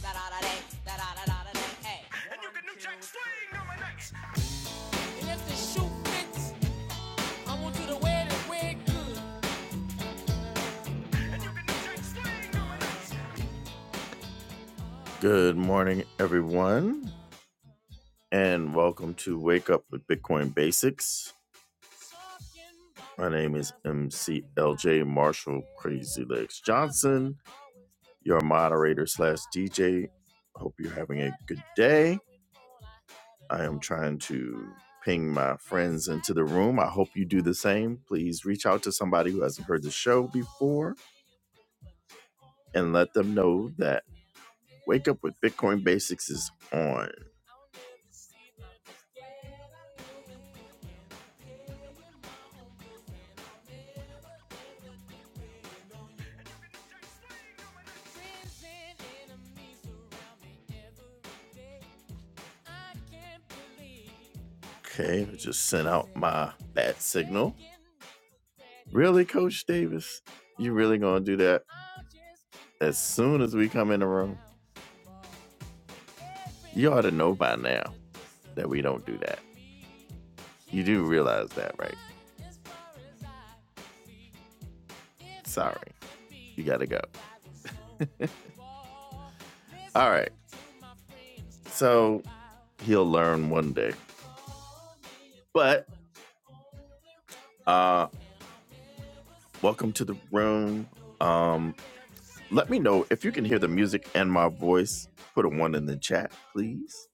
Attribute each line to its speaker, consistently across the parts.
Speaker 1: And you can new jack swing on my next. Unless the shoe fits, I want you to wear the wig good. And you can new jack swing on my next. Good morning, everyone, and welcome to Wake Up with Bitcoin Basics. My name is MC LJ Marshall Crazy Legs Johnson, your moderator slash DJ. Hope you're having a good day. I am trying to ping my friends into the room. I hope you do the same. Please reach out to somebody who hasn't heard the show before and let them know that Wake Up with Bitcoin Basics is on. Okay, I just sent out my bat signal. Really, Coach Davis? You really gonna do that as soon as we come in the room? You ought to know by now that we don't do that. You do realize that, right? Sorry, you gotta go. All right, so he'll learn one day. But Uh, welcome to the room. Um, let me know if you can hear the music and my voice. Put a one in the chat, please.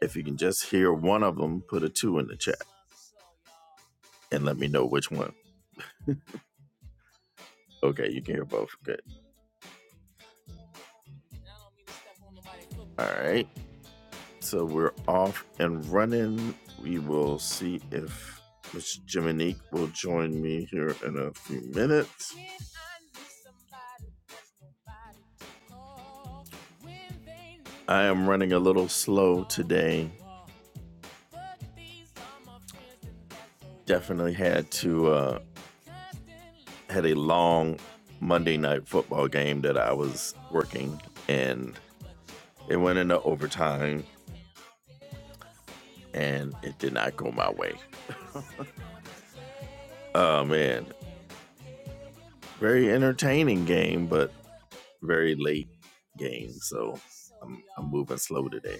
Speaker 1: If you can just hear one of them, put a two in the chat and let me know which one. Okay, you can hear both. Good. All right. So we're off and running. We will see if Miss Jiminique will join me here in a few minutes. I am running a little slow today. definitely had to uh, had a long Monday night football game that I was working, and it went into overtime, and it did not go my way. Oh man, very entertaining game, but very late game, so I'm, I'm moving slow today.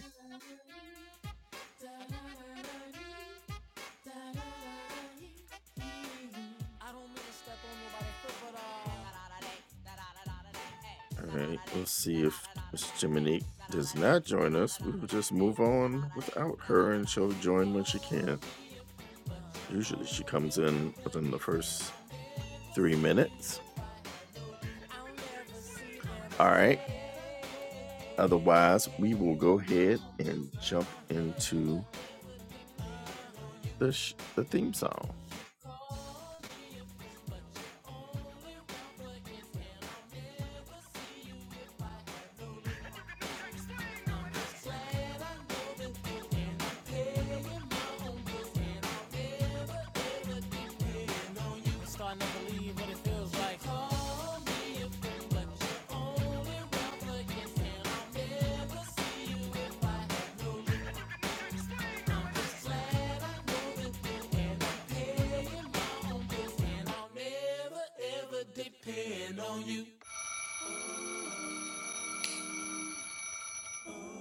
Speaker 1: All right, let's see if Miss Jiminique does not join us. We will just move on without her, and she'll join when she can. Usually she comes in within the first three minutes. All right. Otherwise, we will go ahead and jump into the sh- the theme song.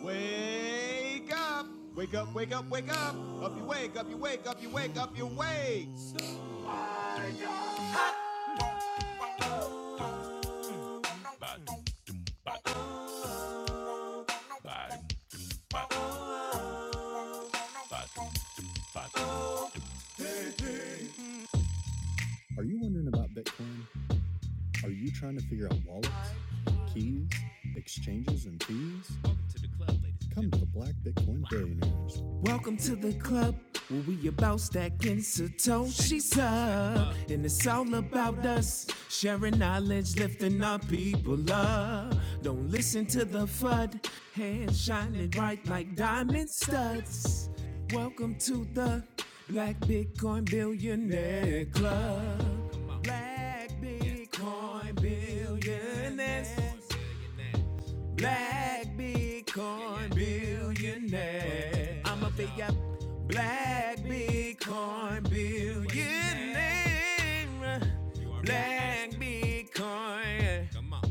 Speaker 1: Wake up! Wake up, wake up, wake up! Up you wake, up you wake, up you wake, up you wake! Are you wondering about Bitcoin? Are you trying to figure out wallets, keys, exchanges, and fees? Come to the Black Bitcoin Billionaires. Welcome to the club where we about stacking Satoshi's up. And it's all about us sharing knowledge, lifting our people up. Don't listen to the FUD, hands shining bright like diamond studs. Welcome to the Black Bitcoin Billionaire Club. Black Bitcoin Billionaires black Bitcoin billionaire. I'm a big up black Bitcoin billionaire. Black Bitcoin. Come on.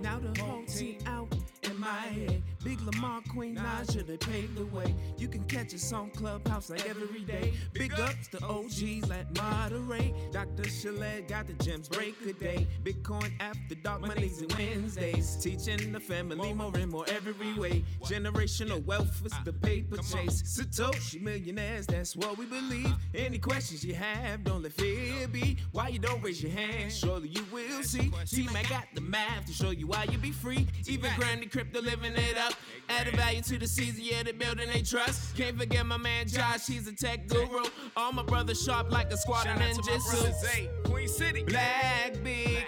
Speaker 1: Now the whole team out in my head. Big Lamar, Queen Naja, they paved the way. You can catch us on Clubhouse like every day. Big ups to OGs like Moderate. Dr. Chalet got the gems, break a day. Bitcoin after dark, Mondays and Wednesdays. Teaching the family more and more every way. Generational wealth is the paper Chase Satoshi millionaires, that's what we believe. Any questions you have, don't let fear be. Why you don't raise your hand, surely you will see. Team, I got the math to show you why you be free. Even grinding crypto, living it up. Added value to the season, yeah, they building they trust. Can't forget my man Josh, he's a tech guru. All my brothers sharp like a squad of ninjas. hey, Queen City. Black Bitcoin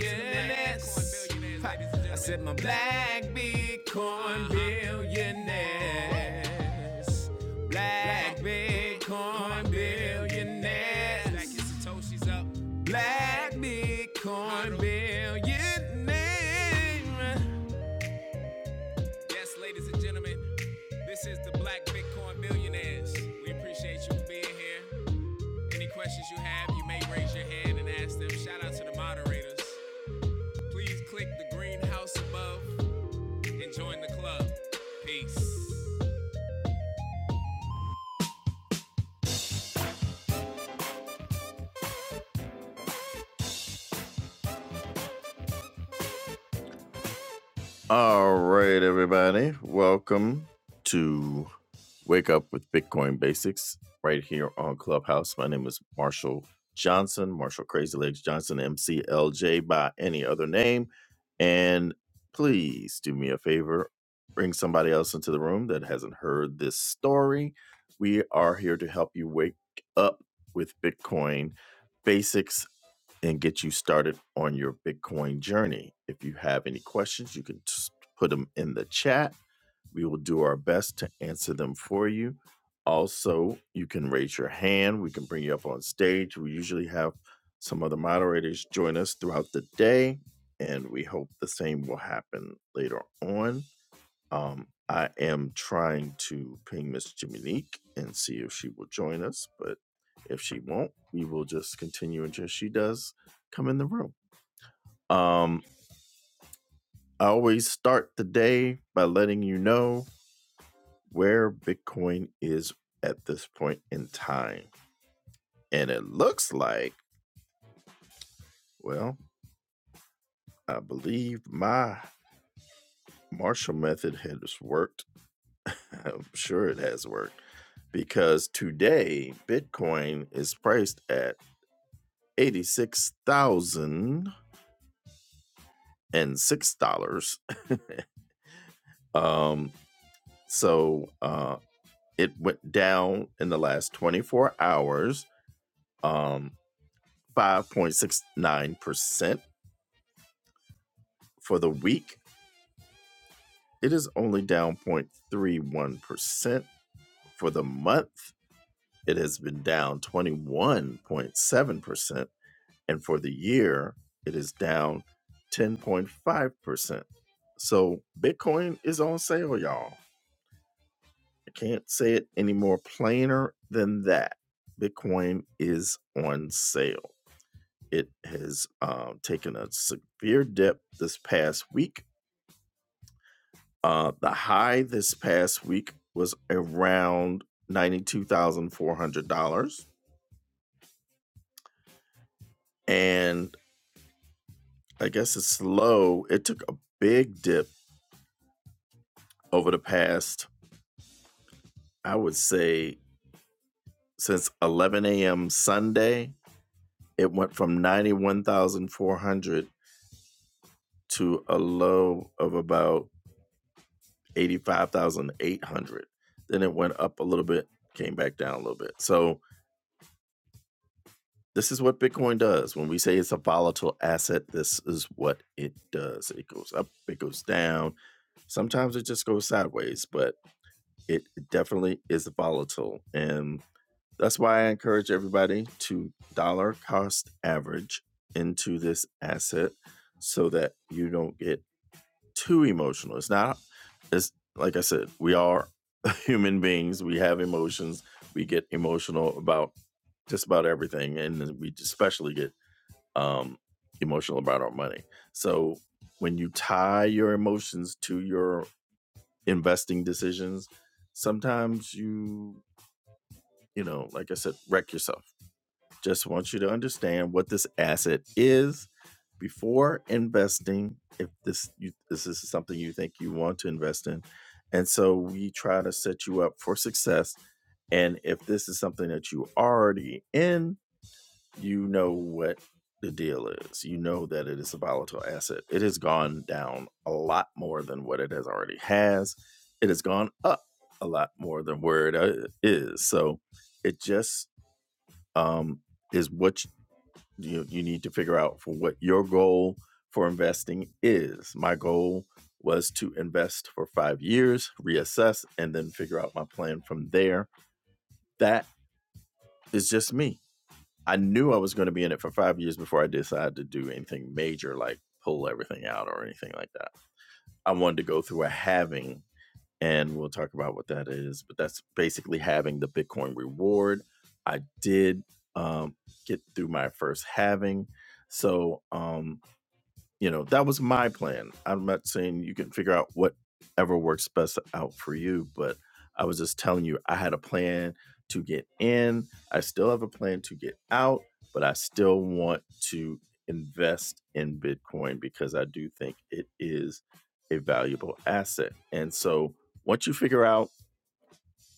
Speaker 1: billionaires. I said my black Bitcoin billionaires. Black Bitcoin billionaires. Black Satoshi's up. Black Bitcoin billionaires. Yes, ladies and gentlemen, this is the Black Bitcoin Billionaires. We appreciate you being here. Any questions you have, you may raise your hand and ask them. Shout out to the moderators. Please click the green house above Enjoying the club. Peace. All right, everybody. Welcome to Wake Up with Bitcoin Basics right here on Clubhouse. My name is Marshall Johnson, Marshall Crazy Legs Johnson, MCLJ by any other name. And please do me a favor, bring somebody else into the room that hasn't heard this story. We are here to help you wake up with Bitcoin basics and get you started on your Bitcoin journey. If you have any questions, you can just put them in the chat. We will do our best to answer them for you. Also, you can raise your hand. We can bring you up on stage. We usually have some other moderators join us throughout the day, and we hope the same will happen later on. Um, I am trying to ping Miss Jiminique and see if she will join us, but if she won't, we will just continue until she does come in the room. Um, I always start the day by letting you know where Bitcoin is at this point in time. And it looks like, well, I believe my Marshall method has worked. I'm sure it has worked because today Bitcoin is priced at eighty-six thousand and six dollars. Um, so uh, it went down in the last twenty-four hours, um, five point six nine percent for the week. It is only down 0.31 percent for the month. It has been down twenty-one point seven percent, and for the year, it is down ten point five percent. So Bitcoin is on sale, y'all. I can't say it any more plainer than that. Bitcoin is on sale. It has uh, taken a severe dip this past week. Uh, the high this past week was around $92,400. And I guess it's low. It took a big dip over the past, I would say, since 11 a.m. Sunday. It went from 91,400 to a low of about 85,800. Then it went up a little bit, came back down a little bit. So this is what Bitcoin does. When we say it's a volatile asset, this is what it does. It goes up, it goes down. Sometimes it just goes sideways, but it definitely is volatile. And that's why I encourage everybody to dollar cost average into this asset so that you don't get too emotional. It's not. It's like I said, we are human beings. We have emotions. We get emotional about just about everything, and we especially get um, emotional about our money. So when you tie your emotions to your investing decisions, sometimes you you know, like I said, wreck yourself. Just want you to understand what this asset is before investing. If this you, this is something you think you want to invest in, and so we try to set you up for success. And if this is something that you already in, you know what the deal is. You know that it is a volatile asset. It has gone down a lot more than what it has already has. It has gone up a lot more than where it uh, is. So it just um, is what you you need to figure out for what your goal for investing is. My goal was to invest for 5 years, reassess and then figure out my plan from there. That is just me. I knew I was going to be in it for 5 years before I decided to do anything major like pull everything out or anything like that. I wanted to go through a halving and we'll talk about what that is, but that's basically having the Bitcoin reward. I did um, get through my first halving. So um, You know, that was my plan. I'm not saying you can figure out whatever works best out for you, but I was just telling you I had a plan to get in. I still have a plan to get out, but I still want to invest in Bitcoin because I do think it is a valuable asset. And so once you figure out,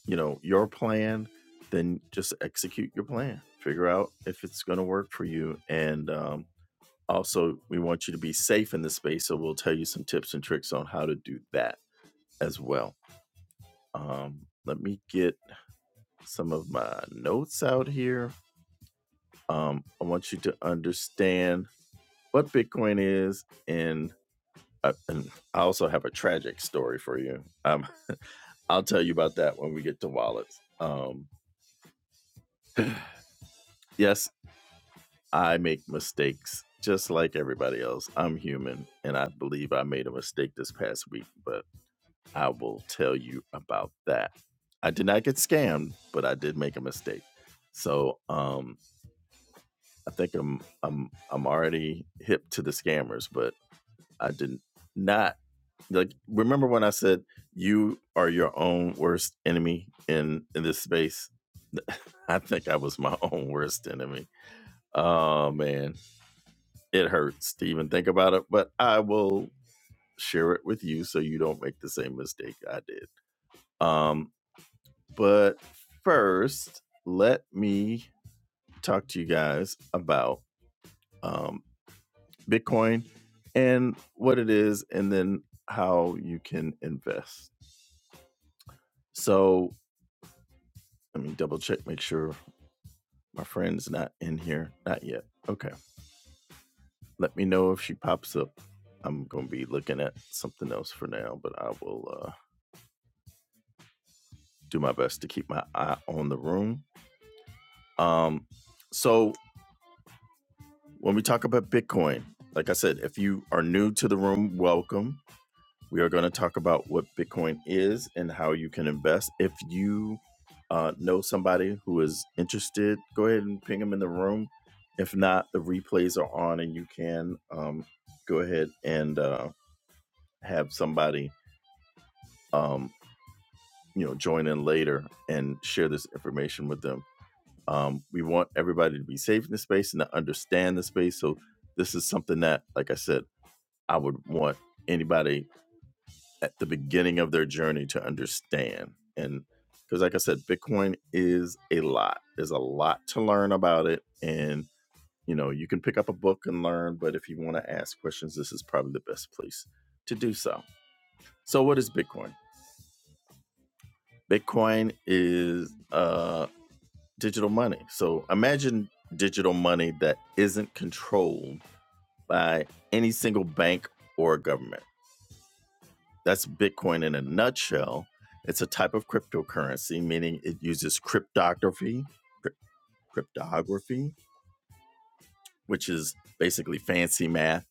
Speaker 1: you know, your plan, then just execute your plan. Figure out if it's going to work for you and um also, we want you to be safe in the space, so we'll tell you some tips and tricks on how to do that as well. Um, let me get some of my notes out here. Um, I want you to understand what Bitcoin is, and, uh, and I also have a tragic story for you. Um, I'll tell you about that when we get to wallets. Um, yes, I make mistakes just like everybody else. I'm human, and I believe I made a mistake this past week, but I will tell you about that. I did not get scammed, but I did make a mistake. So um, I think I'm I'm I'm already hip to the scammers, but I did not like. Remember when I said you are your own worst enemy in in this space? I think I was my own worst enemy. Oh man, it hurts to even think about it, but I will share it with you so you don't make the same mistake I did. Um, But first, let me talk to you guys about um, Bitcoin and what it is, and then how you can invest. So let me double check, make sure my friend's not in here. Not yet. Okay. Let me know if she pops up. I'm going to be looking at something else for now, but I will uh, do my best to keep my eye on the room. Um, so When we talk about Bitcoin, like I said, if you are new to the room, welcome. We are going to talk about what Bitcoin is and how you can invest. If you uh, know somebody who is interested, go ahead and ping them in the room. If not, the replays are on and you can um, go ahead and uh, have somebody um, you know join in later and share this information with them. Um, we want everybody to be safe in the space and to understand the space. So this is something that, like I said, I would want anybody at the beginning of their journey to understand. And because, like I said, Bitcoin is a lot. There's a lot to learn about it. And, you know, you can pick up a book and learn, but if you want to ask questions, this is probably the best place to do so. So, what is Bitcoin? Bitcoin is uh, digital money. So, imagine digital money that isn't controlled by any single bank or government That's Bitcoin in a nutshell. It's a type of cryptocurrency, meaning it uses cryptography, cryp- cryptography, which is basically fancy math,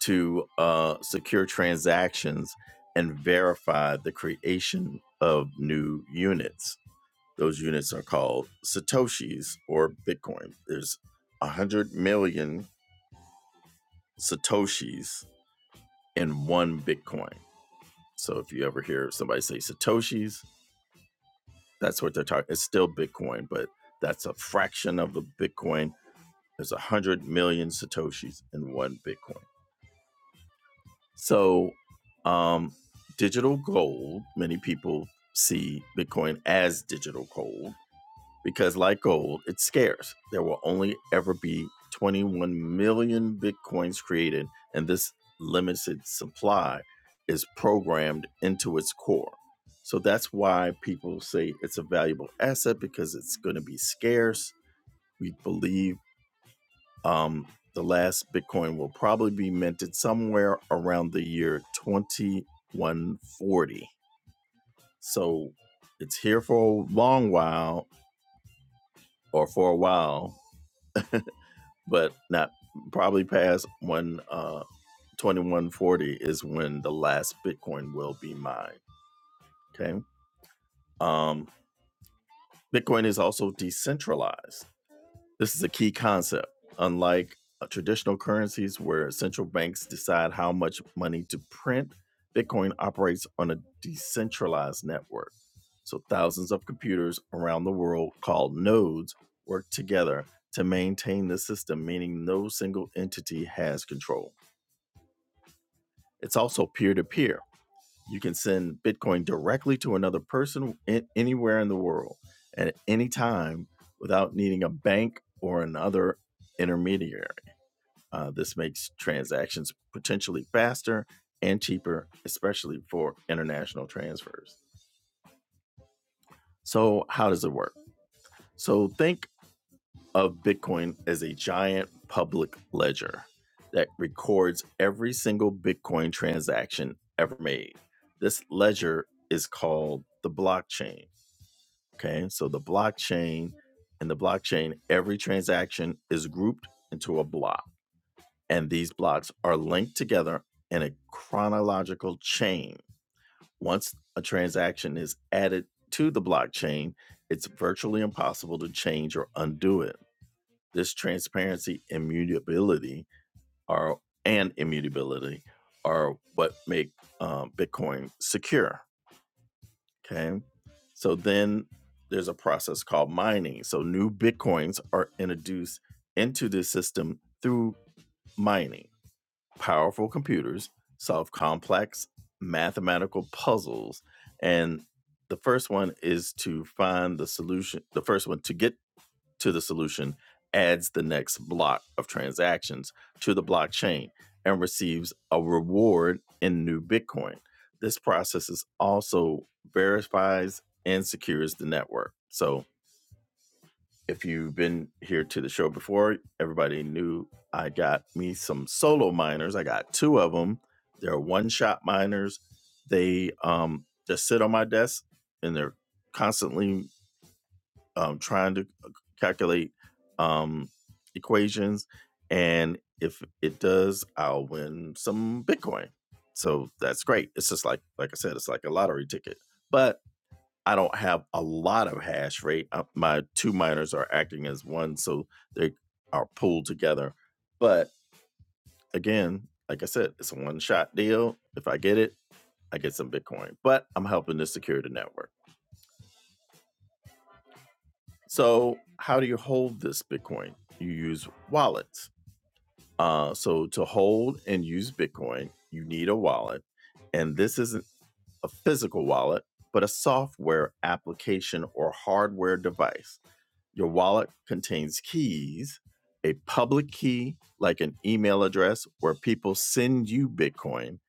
Speaker 1: to uh, secure transactions and verify the creation of new units. Those units are called satoshis or Bitcoin. There's 100 million satoshis in one Bitcoin. So if you ever hear somebody say satoshis, That's what they're talking. It's still Bitcoin, but that's a fraction of the Bitcoin. There's a hundred million satoshis in one Bitcoin. So, um, digital gold. Many people see Bitcoin as digital gold because, like gold, it's scarce. There will only ever be 21 million bitcoins created, and this limited supply is programmed into its core. So that's why people say it's a valuable asset because it's going to be scarce. We believe um, the last Bitcoin will probably be minted somewhere around the year 2140. So it's here for a long while or for a while. but not probably past when uh 2140 is when the last bitcoin will be mined okay um bitcoin is also decentralized this is a key concept unlike uh, traditional currencies where central banks decide how much money to print bitcoin operates on a decentralized network so thousands of computers around the world called nodes work together to maintain the system meaning no single entity has control It's also peer to peer. You can send Bitcoin directly to another person in, anywhere in the world at any time without needing a bank or another intermediary. Uh, this makes transactions potentially faster and cheaper, especially for international transfers. So, how does it work? So, think of Bitcoin as a giant public ledger that records every single Bitcoin transaction ever made. This ledger is called the blockchain. Okay, so the blockchain in the blockchain, every transaction is grouped into a block, and these blocks are linked together in a chronological chain. Once a transaction is added to the blockchain, it's virtually impossible to change or undo it this transparency immutability are and immutability are what make um, bitcoin secure okay so then there's a process called mining so new bitcoins are introduced into the system through mining powerful computers solve complex mathematical puzzles and the first one is to find the solution the first one to get to the solution adds the next block of transactions to the blockchain and receives a reward in new Bitcoin. This process is also verifies and secures the network. So if you've been here to the show before, everybody knew I got me some solo miners. I got two of them. They're one shot miners. They um, just sit on my desk and they're constantly um, trying to calculate um, equations, and if it does, I'll win some Bitcoin. So that's great. It's just like like I said, it's like a lottery ticket. But I don't have a lot of hash rate. Uh, my two miners are acting as one, so they are pulled together. But again, like I said, it's a one shot deal. If I get it, I get some Bitcoin. But I'm helping to secure the network. So, how do you hold this Bitcoin? You use wallets. Uh, so, to hold and use Bitcoin, you need a wallet. And this isn't a physical wallet, but a software application or hardware device. Your wallet contains keys, a public key like an email address where people send you Bitcoin,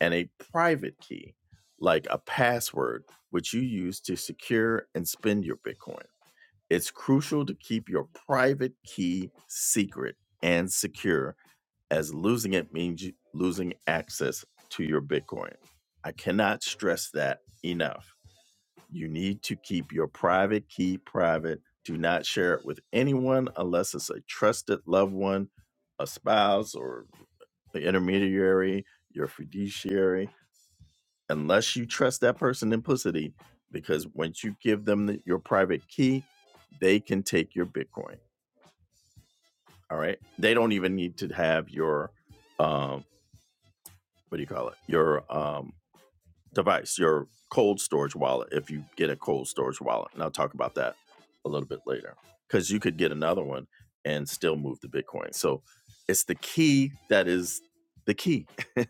Speaker 1: and a private key like a password, which you use to secure and spend your Bitcoin. It's crucial to keep your private key secret and secure, as losing it means you- losing access to your Bitcoin. I cannot stress that enough. You need to keep your private key private. Do not share it with anyone unless it's a trusted loved one, a spouse, or the intermediary, your fiduciary unless you trust that person implicitly, because once you give them the, your private key, they can take your Bitcoin. All right, they don't even need to have your um, what do you call it? Your um, device, your cold storage wallet, if you get a cold storage wallet. And I'll talk about that a little bit later because you could get another one and still move the Bitcoin. So it's the key that is the key.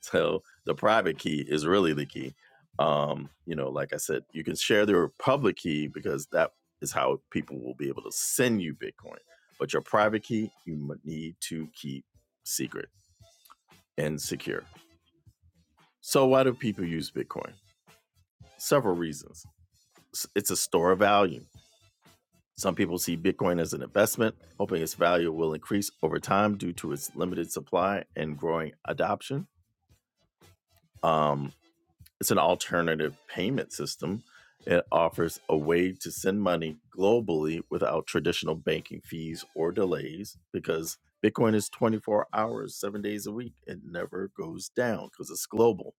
Speaker 1: so the private key is really the key. Um, you know, like I said, you can share their public key because that is how people will be able to send you Bitcoin. But your private key, you need to keep secret and secure. So, why do people use Bitcoin? Several reasons it's a store of value. Some people see Bitcoin as an investment, hoping its value will increase over time due to its limited supply and growing adoption. Um, it's an alternative payment system. It offers a way to send money globally without traditional banking fees or delays because Bitcoin is 24 hours, seven days a week. It never goes down because it's global.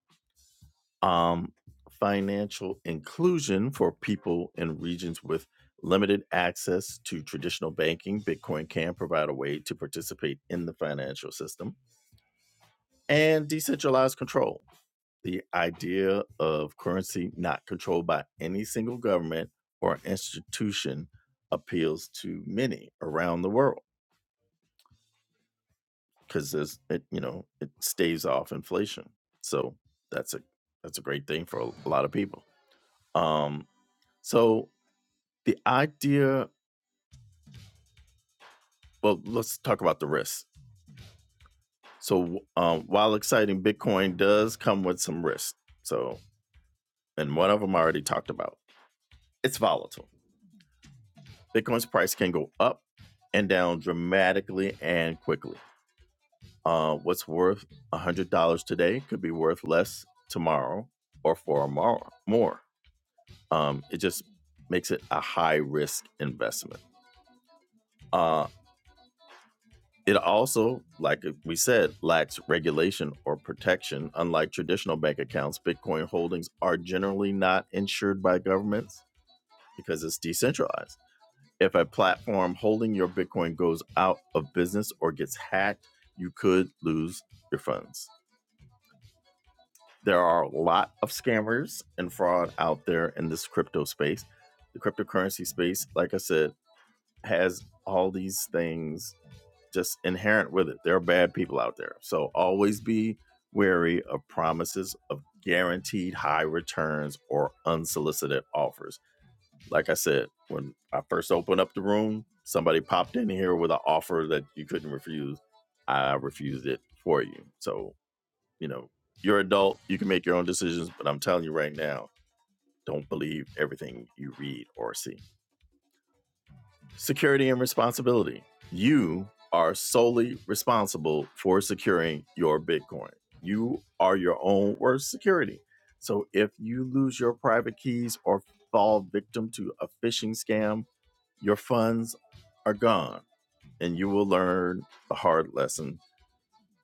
Speaker 1: um, financial inclusion for people in regions with limited access to traditional banking. Bitcoin can provide a way to participate in the financial system and decentralized control. The idea of currency not controlled by any single government or institution appeals to many around the world because there's it you know it staves off inflation so that's a that's a great thing for a lot of people um so the idea well let's talk about the risks so um, while exciting bitcoin does come with some risks so and one of them i already talked about it's volatile bitcoin's price can go up and down dramatically and quickly uh, what's worth $100 today could be worth less tomorrow or for more more um, it just makes it a high risk investment Um, It also, like we said, lacks regulation or protection. Unlike traditional bank accounts, Bitcoin holdings are generally not insured by governments because it's decentralized. If a platform holding your Bitcoin goes out of business or gets hacked, you could lose your funds. There are a lot of scammers and fraud out there in this crypto space. The cryptocurrency space, like I said, has all these things just inherent with it. There are bad people out there. So always be wary of promises of guaranteed high returns or unsolicited offers. Like I said, when I first opened up the room, somebody popped in here with an offer that you couldn't refuse. I refused it for you. So, you know, you're an adult, you can make your own decisions, but I'm telling you right now, don't believe everything you read or see. Security and responsibility. You are solely responsible for securing your Bitcoin. You are your own worst security. So if you lose your private keys or fall victim to a phishing scam, your funds are gone and you will learn the hard lesson.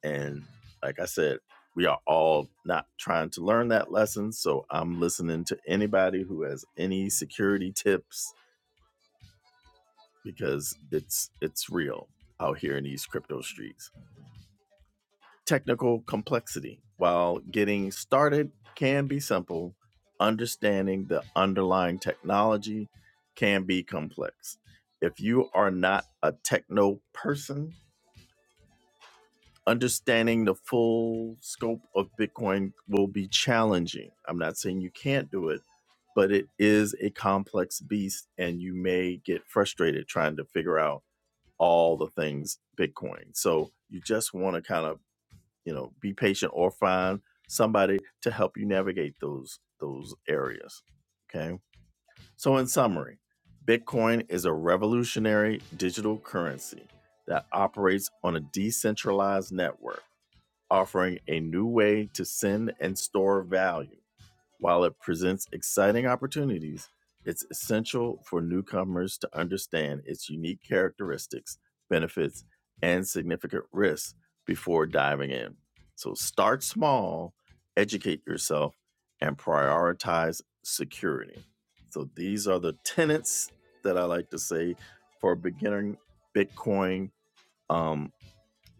Speaker 1: And like I said, we are all not trying to learn that lesson. So I'm listening to anybody who has any security tips because it's it's real out here in these crypto streets. Technical complexity, while getting started can be simple, understanding the underlying technology can be complex. If you are not a techno person, understanding the full scope of Bitcoin will be challenging. I'm not saying you can't do it, but it is a complex beast and you may get frustrated trying to figure out all the things Bitcoin. So you just want to kind of, you know, be patient or find somebody to help you navigate those those areas. Okay? So in summary, Bitcoin is a revolutionary digital currency that operates on a decentralized network, offering a new way to send and store value. While it presents exciting opportunities, it's essential for newcomers to understand its unique characteristics, benefits, and significant risks before diving in. So start small, educate yourself, and prioritize security. So these are the tenets that I like to say for beginning Bitcoin um,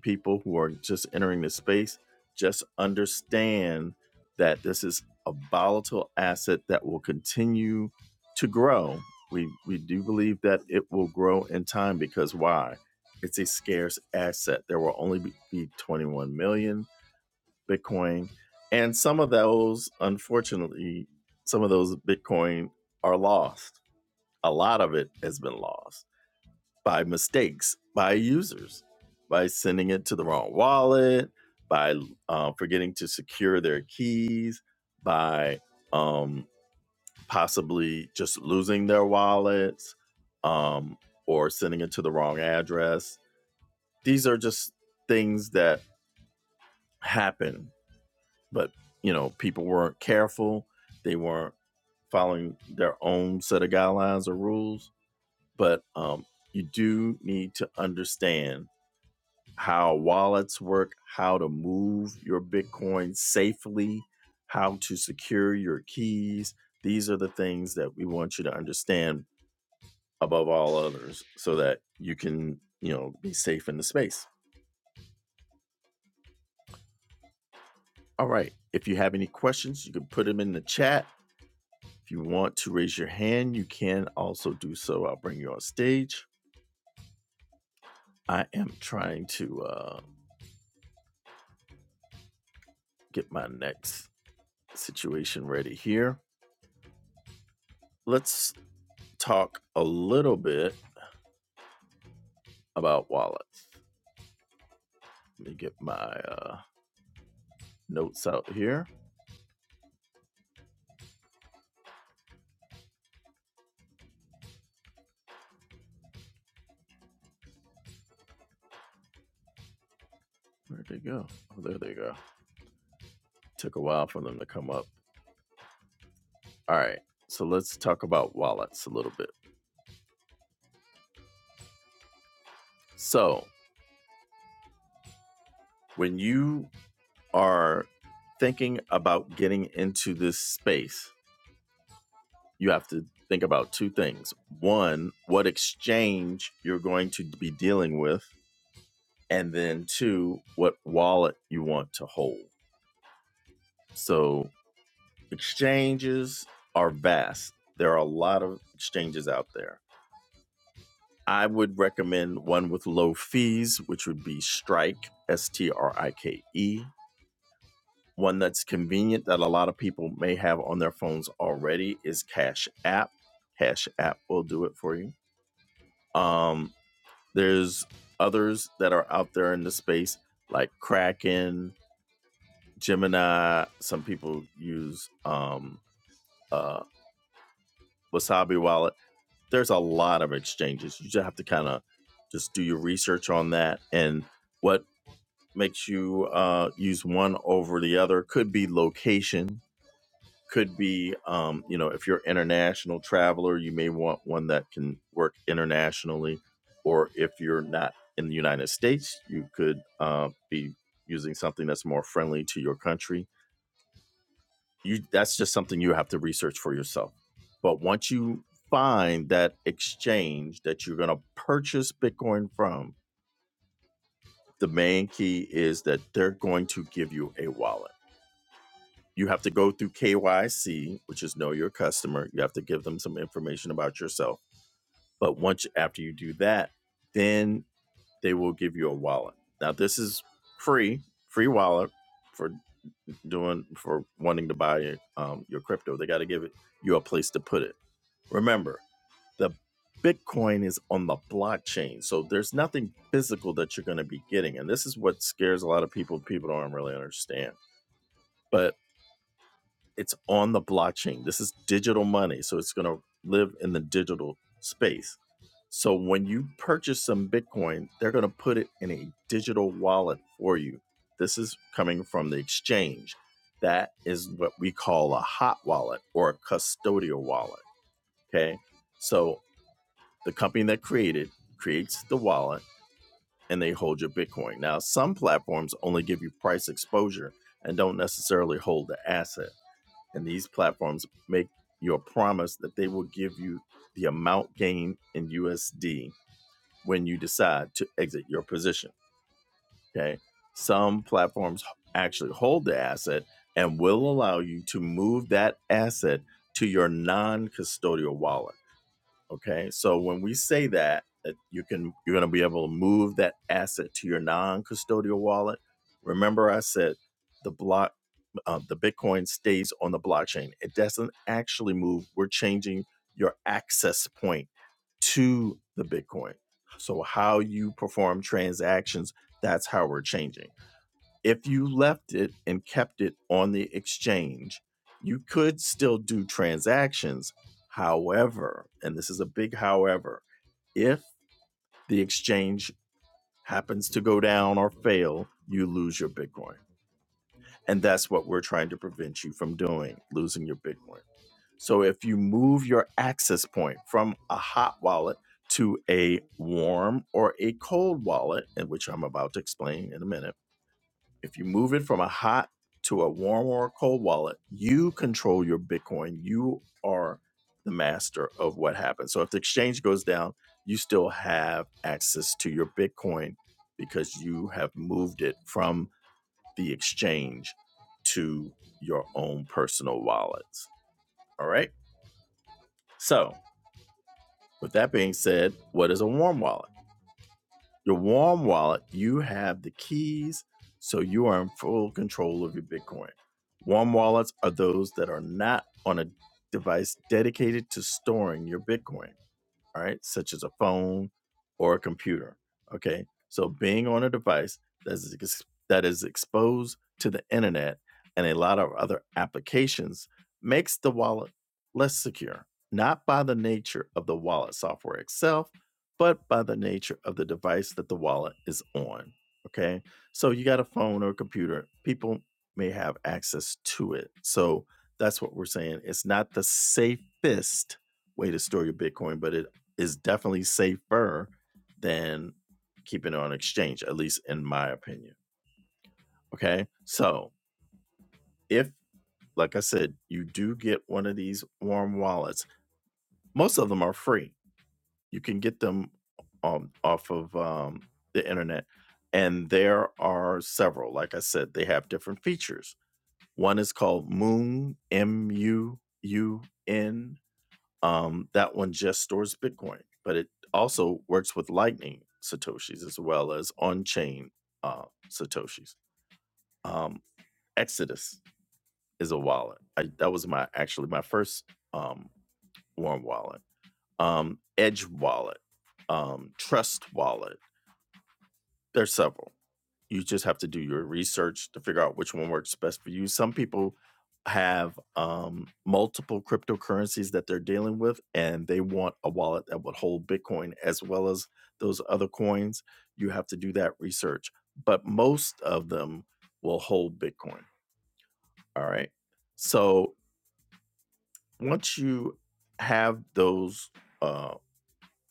Speaker 1: people who are just entering this space just understand that this is a volatile asset that will continue to grow. We we do believe that it will grow in time because why? It's a scarce asset. There will only be be 21 million Bitcoin, and some of those, unfortunately, some of those Bitcoin are lost. A lot of it has been lost by mistakes by users by sending it to the wrong wallet by uh, forgetting to secure their keys by um, possibly just losing their wallets um, or sending it to the wrong address these are just things that happen but you know people weren't careful they weren't following their own set of guidelines or rules but um, you do need to understand how wallets work, how to move your Bitcoin safely, how to secure your keys. These are the things that we want you to understand above all others so that you can, you know, be safe in the space. All right. If you have any questions, you can put them in the chat. If you want to raise your hand, you can also do so. I'll bring you on stage. I am trying to uh, get my next situation ready here. Let's talk a little bit about wallets. Let me get my uh, notes out here. Where'd they go? Oh, there they go. Took a while for them to come up. All right. So let's talk about wallets a little bit. So when you are thinking about getting into this space, you have to think about two things. One, what exchange you're going to be dealing with, and then two, what wallet you want to hold. So exchanges are vast. There are a lot of exchanges out there. I would recommend one with low fees, which would be Strike, S T R I K E. One that's convenient that a lot of people may have on their phones already is Cash App. Cash App will do it for you. Um, there's others that are out there in the space like Kraken, Gemini. Some people use um, uh, Wasabi Wallet there's a lot of exchanges. You just have to kind of just do your research on that and what makes you uh, use one over the other could be location could be um, you know if you're an international traveler you may want one that can work internationally or if you're not in the united states you could uh, be using something that's more friendly to your country you that's just something you have to research for yourself but once you find that exchange that you're going to purchase bitcoin from the main key is that they're going to give you a wallet you have to go through KYC which is know your customer you have to give them some information about yourself but once after you do that then they will give you a wallet now this is free free wallet for doing for wanting to buy your, um, your crypto. They got to give it you a place to put it. Remember, the Bitcoin is on the blockchain, so there's nothing physical that you're going to be getting, and this is what scares a lot of people. People don't really understand, but it's on the blockchain. This is digital money, so it's going to live in the digital space. So when you purchase some Bitcoin, they're going to put it in a digital wallet for you. This is coming from the exchange. That is what we call a hot wallet or a custodial wallet. Okay. So the company that created creates the wallet and they hold your Bitcoin. Now, some platforms only give you price exposure and don't necessarily hold the asset. And these platforms make your promise that they will give you the amount gained in USD when you decide to exit your position. Okay. Some platforms actually hold the asset and will allow you to move that asset to your non custodial wallet Okay. So when we say that, that you can you're going to be able to move that asset to your non-custodial wallet. Remember, I said the block, uh, the Bitcoin stays on the blockchain. It doesn't actually move. We're changing your access point to the Bitcoin. So how you perform transactions, that's how we're changing. If you left it and kept it on the exchange, you could still do transactions. However, and this is a big however, if the exchange happens to go down or fail, you lose your Bitcoin. And that's what we're trying to prevent you from doing, losing your Bitcoin. So if you move your access point from a hot wallet to a warm or a cold wallet, and which I'm about to explain in a minute if you move it from a hot to a warm or a cold wallet, you control your Bitcoin. You are the master of what happens. So if the exchange goes down, you still have access to your Bitcoin because you have moved it from the exchange to your own personal wallets. All right. So, with that being said, what is a warm wallet? Your warm wallet, you have the keys, so you are in full control of your Bitcoin. Warm wallets are those that are not on a device dedicated to storing your Bitcoin all right, such as a phone or a computer. Okay, so being on a device that is, ex- that is exposed to the internet and a lot of other applications makes the wallet less secure, not by the nature of the wallet software itself, but by the nature of the device that the wallet is on. Okay, so you got a phone or a computer, people may have access to it. So that's what we're saying. It's not the safest way to store your Bitcoin, but it is definitely safer than keeping it on exchange, at least in my opinion. Okay. So if, like I said, you do get one of these warm wallets, most of them are free. You can get them um, off of um, the internet. And there are several. Like I said, they have different features. One is called Moon, M U U N Um, that one just stores Bitcoin, but it also works with Lightning Satoshis as well as on chain uh, Satoshis. Um, Exodus is a wallet. I, that was my actually my first um, warm wallet. Um, Edge wallet, um, Trust wallet There's several. You just have to do your research to figure out which one works best for you. Some people have um, multiple cryptocurrencies that they're dealing with, and they want a wallet that would hold Bitcoin as well as those other coins. You have to do that research, but most of them will hold Bitcoin. All right. So once you have those, uh,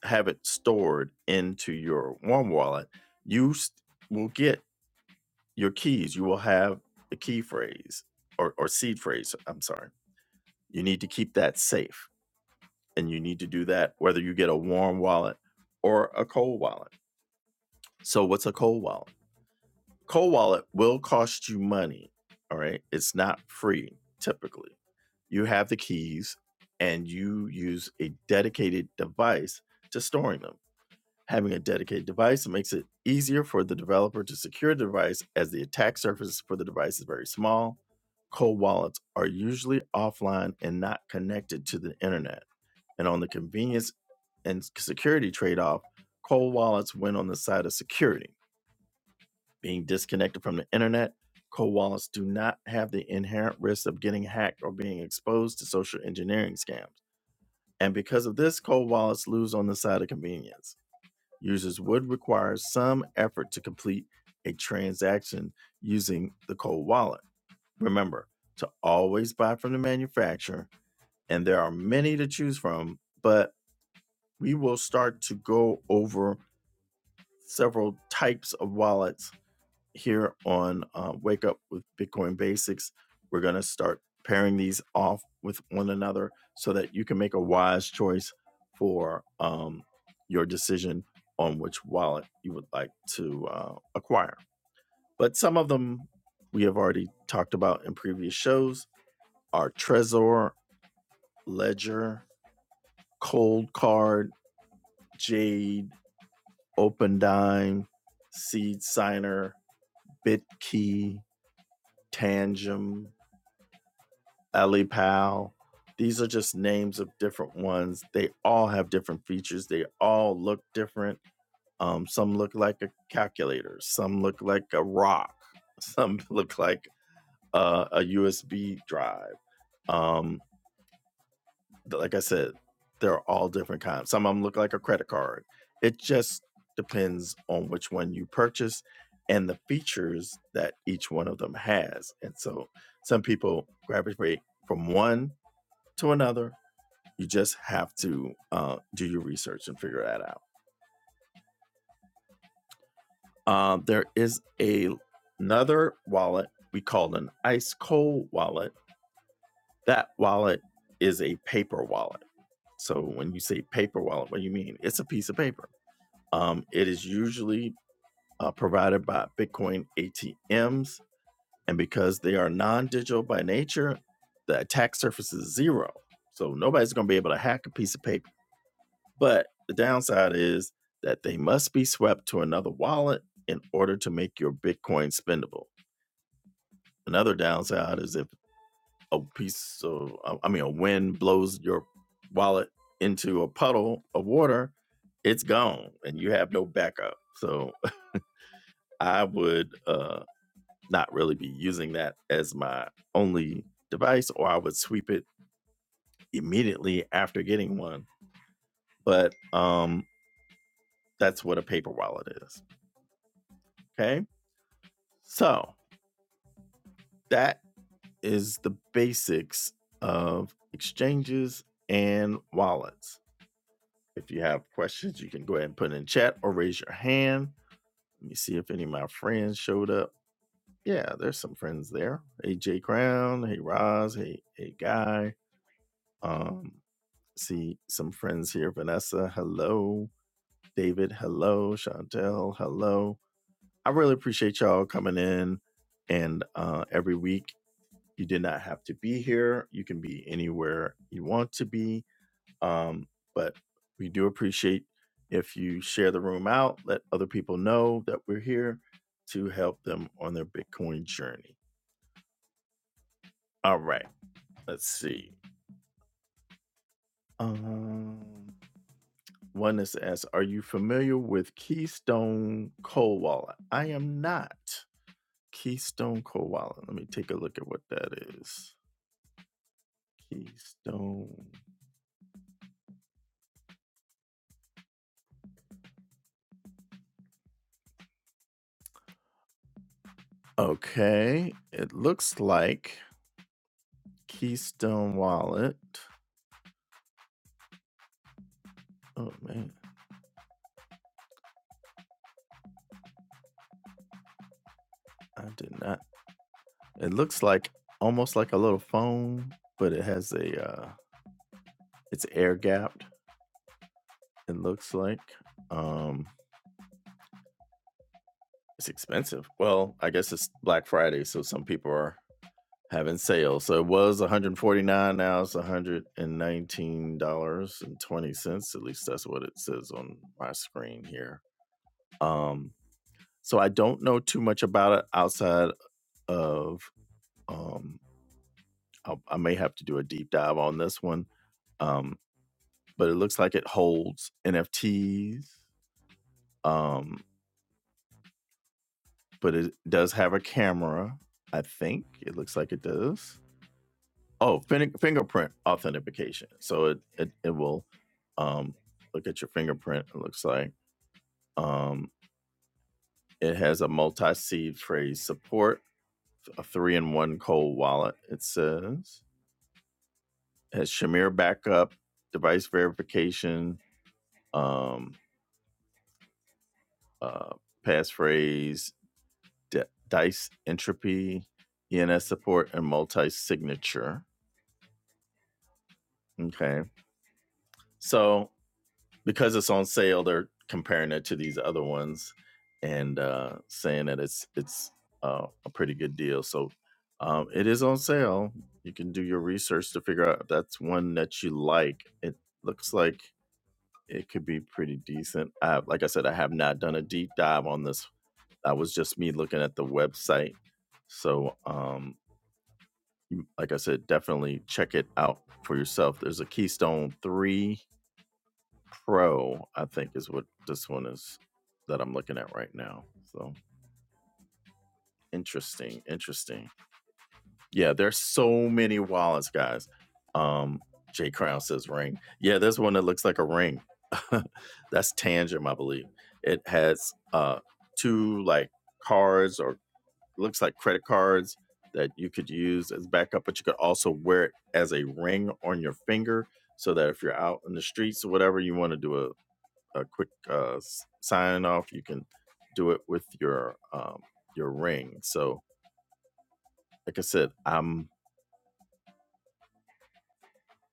Speaker 1: have it stored into your one wallet, you s- will get your keys. You will have a key phrase or, or seed phrase. I'm sorry. You need to keep that safe. And you need to do that whether you get a warm wallet or a cold wallet. So, what's a cold wallet? Cold wallet will cost you money. All right. It's not free typically. You have the keys and you use a dedicated device to storing them. Having a dedicated device makes it easier for the developer to secure the device as the attack surface for the device is very small. Cold wallets are usually offline and not connected to the internet. And on the convenience and security trade off, cold wallets win on the side of security. Being disconnected from the internet, cold wallets do not have the inherent risk of getting hacked or being exposed to social engineering scams. And because of this, cold wallets lose on the side of convenience. Users would require some effort to complete a transaction using the cold wallet. Remember to always buy from the manufacturer, and there are many to choose from, but we will start to go over several types of wallets here on uh, Wake Up with Bitcoin Basics. We're going to start pairing these off with one another so that you can make a wise choice for um, your decision on which wallet you would like to uh, acquire. But some of them we have already talked about in previous shows are Trezor, Ledger, Cold Card, Jade, OpenDime, Seed Signer, BitKey, Tangem, Ali Powell. These are just names of different ones. They all have different features. They all look different. Um, some look like a calculator. Some look like a rock. Some look like uh, a USB drive. Um, like I said, they're all different kinds. Some of them look like a credit card. It just depends on which one you purchase and the features that each one of them has. And so some people gravitate from one to another you just have to uh, do your research and figure that out. Um, there is a another wallet we call an ice cold wallet. That wallet is a paper wallet. So when you say paper wallet, what do you mean? It's a piece of paper. Um, it is usually uh, provided by Bitcoin ATMs, and because they are non-digital by nature, the attack surface is zero. So nobody's going to be able to hack a piece of paper But the downside is that they must be swept to another wallet in order to make your Bitcoin spendable. Another downside is if a piece of, I mean, a wind blows your wallet into a puddle of water, it's gone and you have no backup. So I would uh, not really be using that as my only device, or I would sweep it immediately after getting one. But um, that's what a paper wallet is. Okay. So that is the basics of exchanges and wallets. If you have questions, you can go ahead and put in chat or raise your hand. Let me see if any of my friends showed up. Yeah, there's some friends there. Hey Jay Crown, hey Roz, hey hey Guy. Um, see some friends here. Vanessa, hello. David, hello. Chantel, hello. I really appreciate y'all coming in and uh, every week You did not have to be here. You can be anywhere you want to be. Um, but we do appreciate if you share the room out, let other people know that we're here to help them on their Bitcoin journey. All right, let's see. Um, one is asked, are you familiar with Keystone Cold Wallet? I am not. Keystone Cold Wallet. Let me take a look at what that is. Keystone. Okay, it looks like Keystone Wallet. Oh man, I did not. It looks like almost like a little phone, but it has a uh it's air gapped, it looks like. Um it's expensive. Well, I guess it's Black Friday, so some people are having sales. So it was 149, now it's 119 dollars and 20 cents. At least that's what it says on my screen here. Um so I don't know too much about it outside of um I, I may have to do a deep dive on this one, um, but it looks like it holds NFTs, um, but it does have a camera. I think it looks like it does. Oh, fin- fingerprint authentication. So it it, it will um, look at your fingerprint. It looks like um, it has a multi-seed phrase support, a three-in-one cold wallet. It says it has Shamir backup, device verification. Um, uh, passphrase, D- dice entropy, ENS support, and multi signature. Okay. So because it's on sale, they're comparing it to these other ones and uh, saying that it's it's uh, a pretty good deal. So um, it is on sale. You can do your research to figure out if that's one that you like. It looks like it could be pretty decent. I, like I said, I have not done a deep dive on this that was just me looking at the website. So, um, you- like I said, definitely check it out for yourself. There's a Keystone 3 Pro, I think is what this one is that I'm looking at right now. So, interesting, interesting. Yeah, there's so many wallets, guys. Um, Jay Crown says ring. Yeah, there's one that looks like a ring. That's Tangem, I believe. It has uh two like cards or looks like credit cards that you could use as backup, but you could also wear it as a ring on your finger so that if you're out in the streets or whatever, you want to do a, a quick uh, sign off, you can do it with your um, your ring. So, like I said, I'm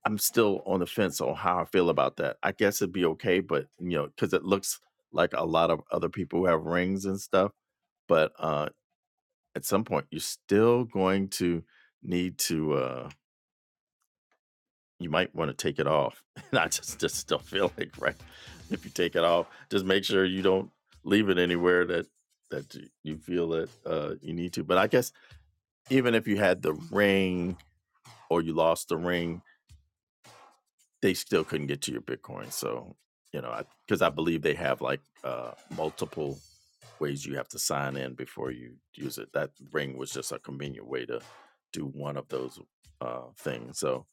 Speaker 1: I'm still on the fence on how I feel about that. I guess it'd be okay, but you know, because it looks like a lot of other people who have rings and stuff. But uh, at some point, you're still going to need to. Uh, you might want to take it off. And I just just don't feel like right if you take it off, just make sure you don't leave it anywhere that that you you feel that uh, you need to. But I guess even if you had the ring or you lost the ring, they still couldn't get to your Bitcoin. So you know, I because I, believe they have like uh, multiple ways you have to sign in before you use it. That ring was just a convenient way to do one of those uh, things. So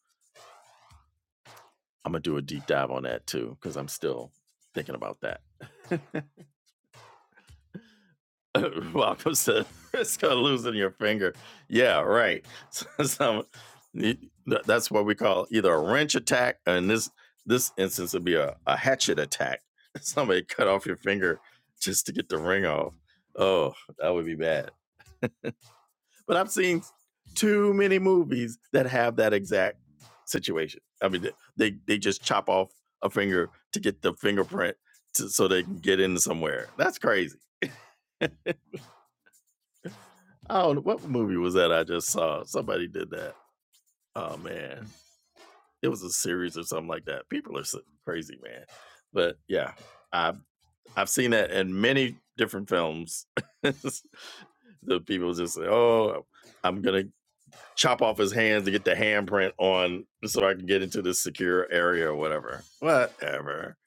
Speaker 1: I'm gonna do a deep dive on that too because I'm still thinking about that. Welcome to risk of losing your finger. Yeah, right. So, so, that's what we call either a wrench attack, and this this instance would be a, a hatchet attack. Somebody cut off your finger just to get the ring off. Oh, that would be bad. But I've seen too many movies that have that exact situation. I mean, they they just chop off a finger to get the fingerprint to, so they can get in somewhere. That's crazy. I don't know what movie was that I just saw. Somebody did that. Oh man, it was a series or something like that. People are so crazy, man. But yeah, I've I've seen that in many different films. the people just say, "Oh, I'm gonna chop off his hands to get the handprint on so I can get into this secure area or whatever. Whatever.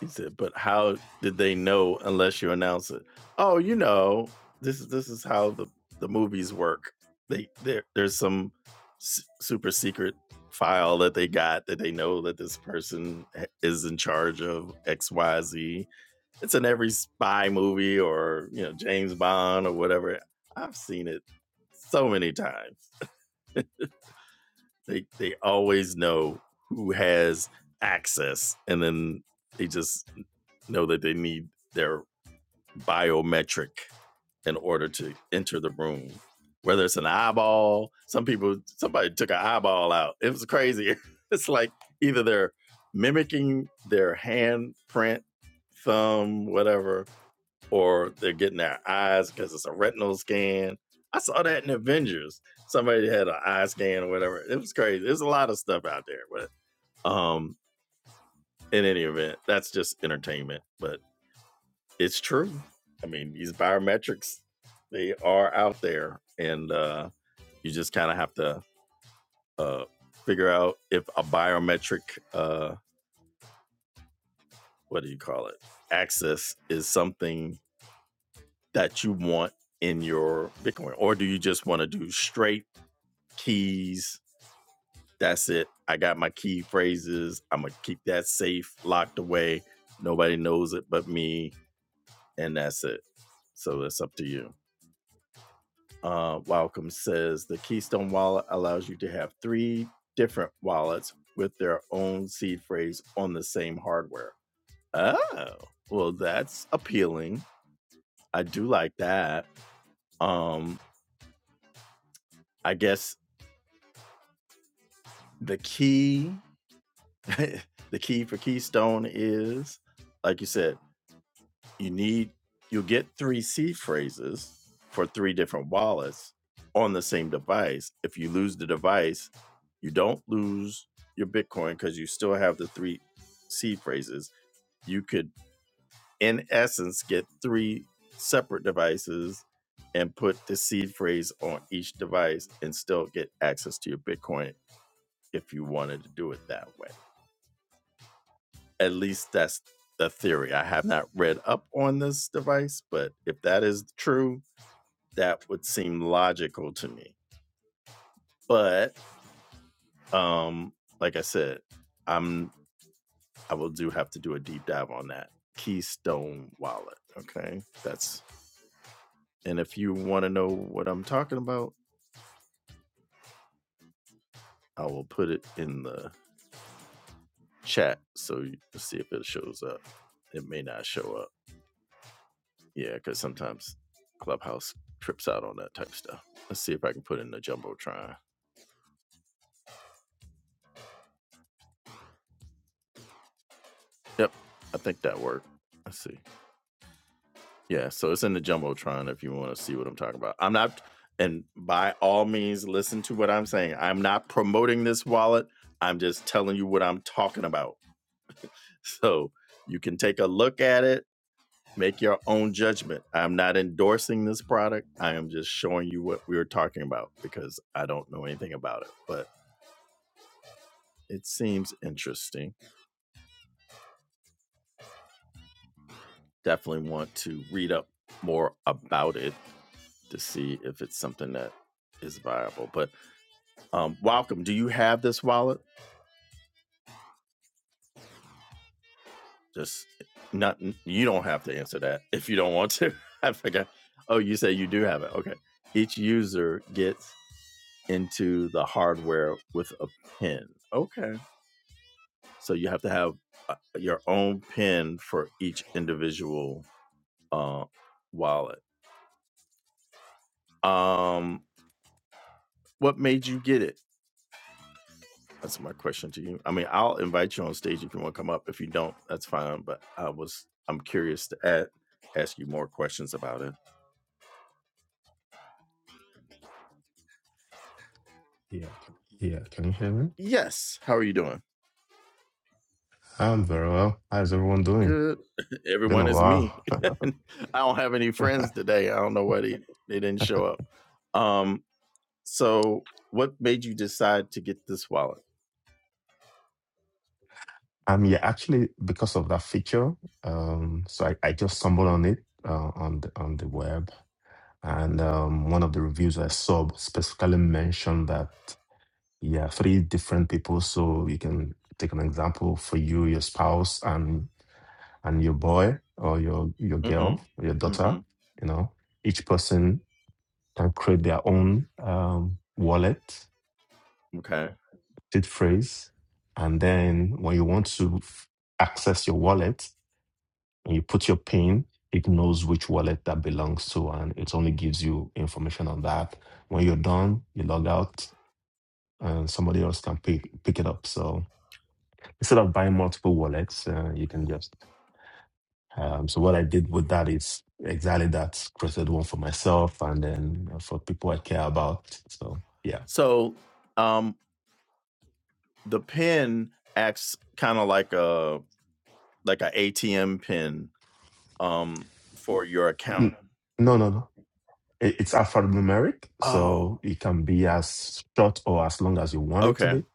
Speaker 1: He said, but how did they know unless you announce it? Oh, you know, this is this is how the, the movies work. They there there's some s- super secret file that they got that they know that this person is in charge of XYZ. It's in every spy movie or, you know, James Bond or whatever. I've seen it so many times They they always know who has access, and then they just know that they need their biometric in order to enter the room. Whether it's an eyeball, some people, somebody took an eyeball out. It was crazy. It's like either they're mimicking their hand print, thumb, whatever, or they're getting their eyes because it's a retinal scan. I saw that in Avengers. Somebody had an eye scan or whatever. It was crazy. There's a lot of stuff out there, but um, in any event, that's just entertainment. But it's true. I mean, these biometrics, they are out there, and uh, you just kind of have to uh, figure out if a biometric, uh, what do you call it, access is something that you want in your Bitcoin, or do you just want to do straight keys? That's it. I got my key phrases. I'm gonna keep that safe, locked away. Nobody knows it but me, and that's it. So it's up to you. Uh, Welcome says the Keystone wallet allows you to have three different wallets with their own seed phrase on the same hardware. Oh, well, that's appealing. I do like that. Um, I guess the key, the key for Keystone is, like you said, you need you'll get three seed phrases for three different wallets on the same device if you lose the device you don't lose your bitcoin because you still have the three seed phrases you could in essence get three separate devices and put the seed phrase on each device and still get access to your bitcoin if you wanted to do it that way at least that's the theory i have not read up on this device but if that is true that would seem logical to me. But um, like I said, I'm I will do have to do a deep dive on that Keystone wallet. Okay, that's and if you want to know what I'm talking about, I will put it in the chat so you can see if it shows up. It may not show up. Yeah, because sometimes Clubhouse trips out on that type of stuff. Let's see if I can put in the jumbotron. Yep, I think that worked. Let's see. Yeah, so it's in the jumbotron if you want to see what I'm talking about. I'm not, and by all means, listen to what I'm saying. I'm not promoting this wallet. I'm just telling you what I'm talking about. So you can take a look at it, make your own judgment. I'm not endorsing this product. I am just showing you what we were talking about because I don't know anything about it, but it seems interesting. Definitely want to read up more about it to see if it's something that is viable. But Um, welcome. Do you have this wallet? Just not. You don't have to answer that if you don't want to. I forgot. Oh, you say you do have it. Okay. Each user gets into the hardware with a pin. Okay. So you have to have uh, your own pin for each individual uh, wallet. Um, what made you get it? That's my question to you. I mean, I'll invite you on stage if you want to come up. If you don't, that's fine. But I was, I'm curious to add, ask you more questions about it.
Speaker 2: Yeah, can you hear me?
Speaker 1: Yes. How are you doing?
Speaker 2: I'm very well. How's everyone doing?
Speaker 1: Good.
Speaker 2: Been
Speaker 1: Everyone
Speaker 2: a
Speaker 1: is me.
Speaker 2: while.
Speaker 1: I don't have any friends today. I don't know why they, they didn't show up. Um, so what made you decide to get this wallet?
Speaker 2: Um, yeah, actually, because of that feature, um, so I, I just stumbled on it uh, on the on the web, and um, one of the reviews I saw specifically mentioned that yeah, three different people. So you can take an example for you, your spouse, and and your boy or your your girl,
Speaker 1: Mhm.
Speaker 2: or your daughter.
Speaker 1: Mhm.
Speaker 2: You know, each person can create their own um, wallet
Speaker 1: Okay.
Speaker 2: seed phrase. And then when you want to access your wallet and you put your PIN, it knows which wallet that belongs to and it only gives you information on that. When you're done, you log out and somebody else can pick, pick it up. So instead of buying multiple wallets, uh, you can just. Um, so what I did with that is exactly that created one for myself and then for people I care about. So yeah.
Speaker 1: So, um, the pin acts kind of like a like a ATM pin, um, for your account.
Speaker 2: N- No, no, no. It- It's alphanumeric,
Speaker 1: Oh,
Speaker 2: so it can be as short or as long as you want it to
Speaker 1: okay,
Speaker 2: be.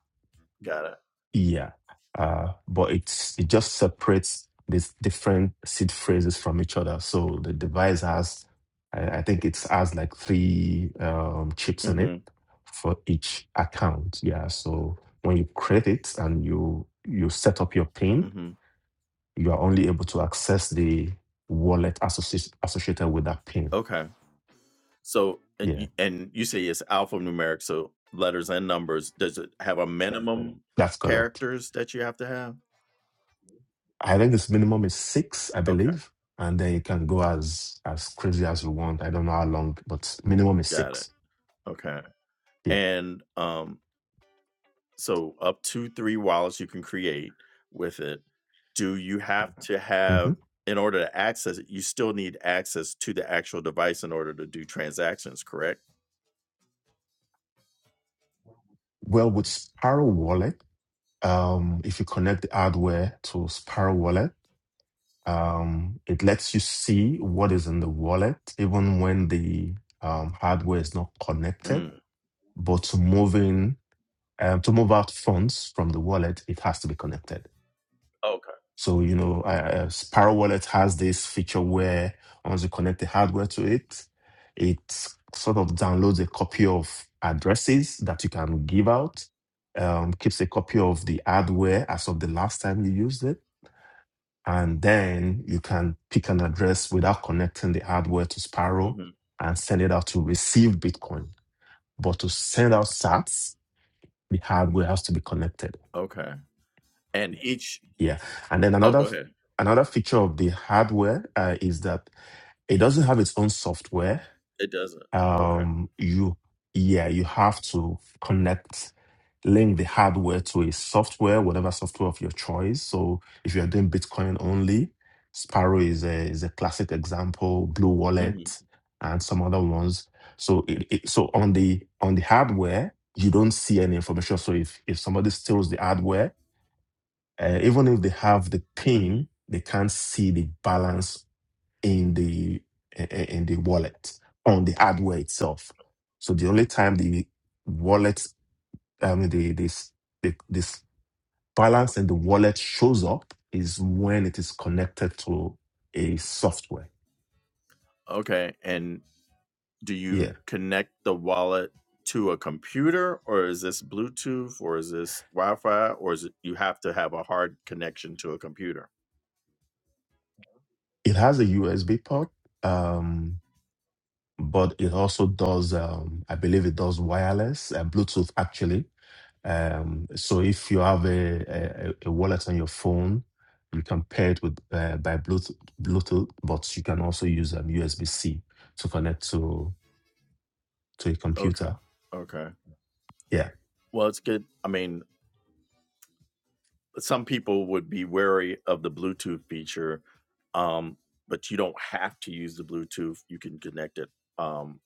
Speaker 1: got it.
Speaker 2: Yeah. Uh, but it's it just separates these different seed phrases from each other. So the device has, I, I think it has like three um, chips in it
Speaker 1: Mhm.
Speaker 2: for each account. Yeah. So when you create it and you you set up your PIN,
Speaker 1: Mhm.
Speaker 2: you are only able to access the wallet associ- associated with that PIN.
Speaker 1: Okay. So, and
Speaker 2: Yeah,
Speaker 1: you, and you say it's alphanumeric, so letters and numbers. Does it have a minimum
Speaker 2: that's correct.
Speaker 1: characters that you have to have?
Speaker 2: I think this minimum is six, I
Speaker 1: Okay,
Speaker 2: believe, and then you can go as as crazy as you want. I don't know how long, but minimum is
Speaker 1: got it.
Speaker 2: six.
Speaker 1: Okay,
Speaker 2: Yeah.
Speaker 1: and um, so up to three wallets you can create with it. Do you have to
Speaker 2: hmm
Speaker 1: have in order to access it? You still need access to the actual device in order to do transactions, correct?
Speaker 2: Well, with Sparrow Wallet, um, if you connect the hardware to Sparrow Wallet, um, it lets you see what is in the wallet, even when the um, hardware is not connected.
Speaker 1: Mm.
Speaker 2: But to move in, um, to move out funds from the wallet, it has to be connected.
Speaker 1: Okay.
Speaker 2: So, you know, I, uh, Sparrow Wallet has this feature where once you connect the hardware to it, it sort of downloads a copy of addresses that you can give out, um, keeps a copy of the hardware as of the last time you used it. And then you can pick an address without connecting the hardware to Sparrow
Speaker 1: hmm
Speaker 2: and send it out to receive Bitcoin. But to send out sats, the hardware has to be connected.
Speaker 1: Okay. And each.
Speaker 2: Yeah. And then
Speaker 1: Oh,
Speaker 2: another
Speaker 1: go ahead.
Speaker 2: another feature of the hardware uh, is that It doesn't have its own software.
Speaker 1: It doesn't. Okay.
Speaker 2: Um, you, yeah, you have to connect, link the hardware to a software, whatever software of your choice. So if you're doing Bitcoin only, Sparrow is a is a classic example. Blue Wallet and some other ones. So it, it, so on the on the hardware, you don't see any information. So if if somebody steals the hardware, uh, even if they have the
Speaker 1: hmm
Speaker 2: pin,
Speaker 1: hmm
Speaker 2: they can't see the balance in the i- i- in the wallet on the hardware itself. So the only time the wallet, I mean the this the, this balance in the wallet shows up is when it is connected to a software.
Speaker 1: Okay. And do
Speaker 2: Yeah,
Speaker 1: you connect the wallet to a computer or is this Bluetooth or is this Wi Fi or is it you have to have a hard connection to a computer?
Speaker 2: it has a USB
Speaker 1: Okay.
Speaker 2: port, um, but it also does. Um, I believe it does wireless and Bluetooth actually Um, so if you have a, a, a wallet on your phone, you can pair it with uh, by Bluetooth, Bluetooth, but you can also use um, USB-C to connect to to a
Speaker 1: Okay.
Speaker 2: computer.
Speaker 1: Okay.
Speaker 2: Yeah,
Speaker 1: Well, it's good. I mean, some people would be wary of the Bluetooth feature, um, but you don't have to use the Bluetooth. You can connect it um,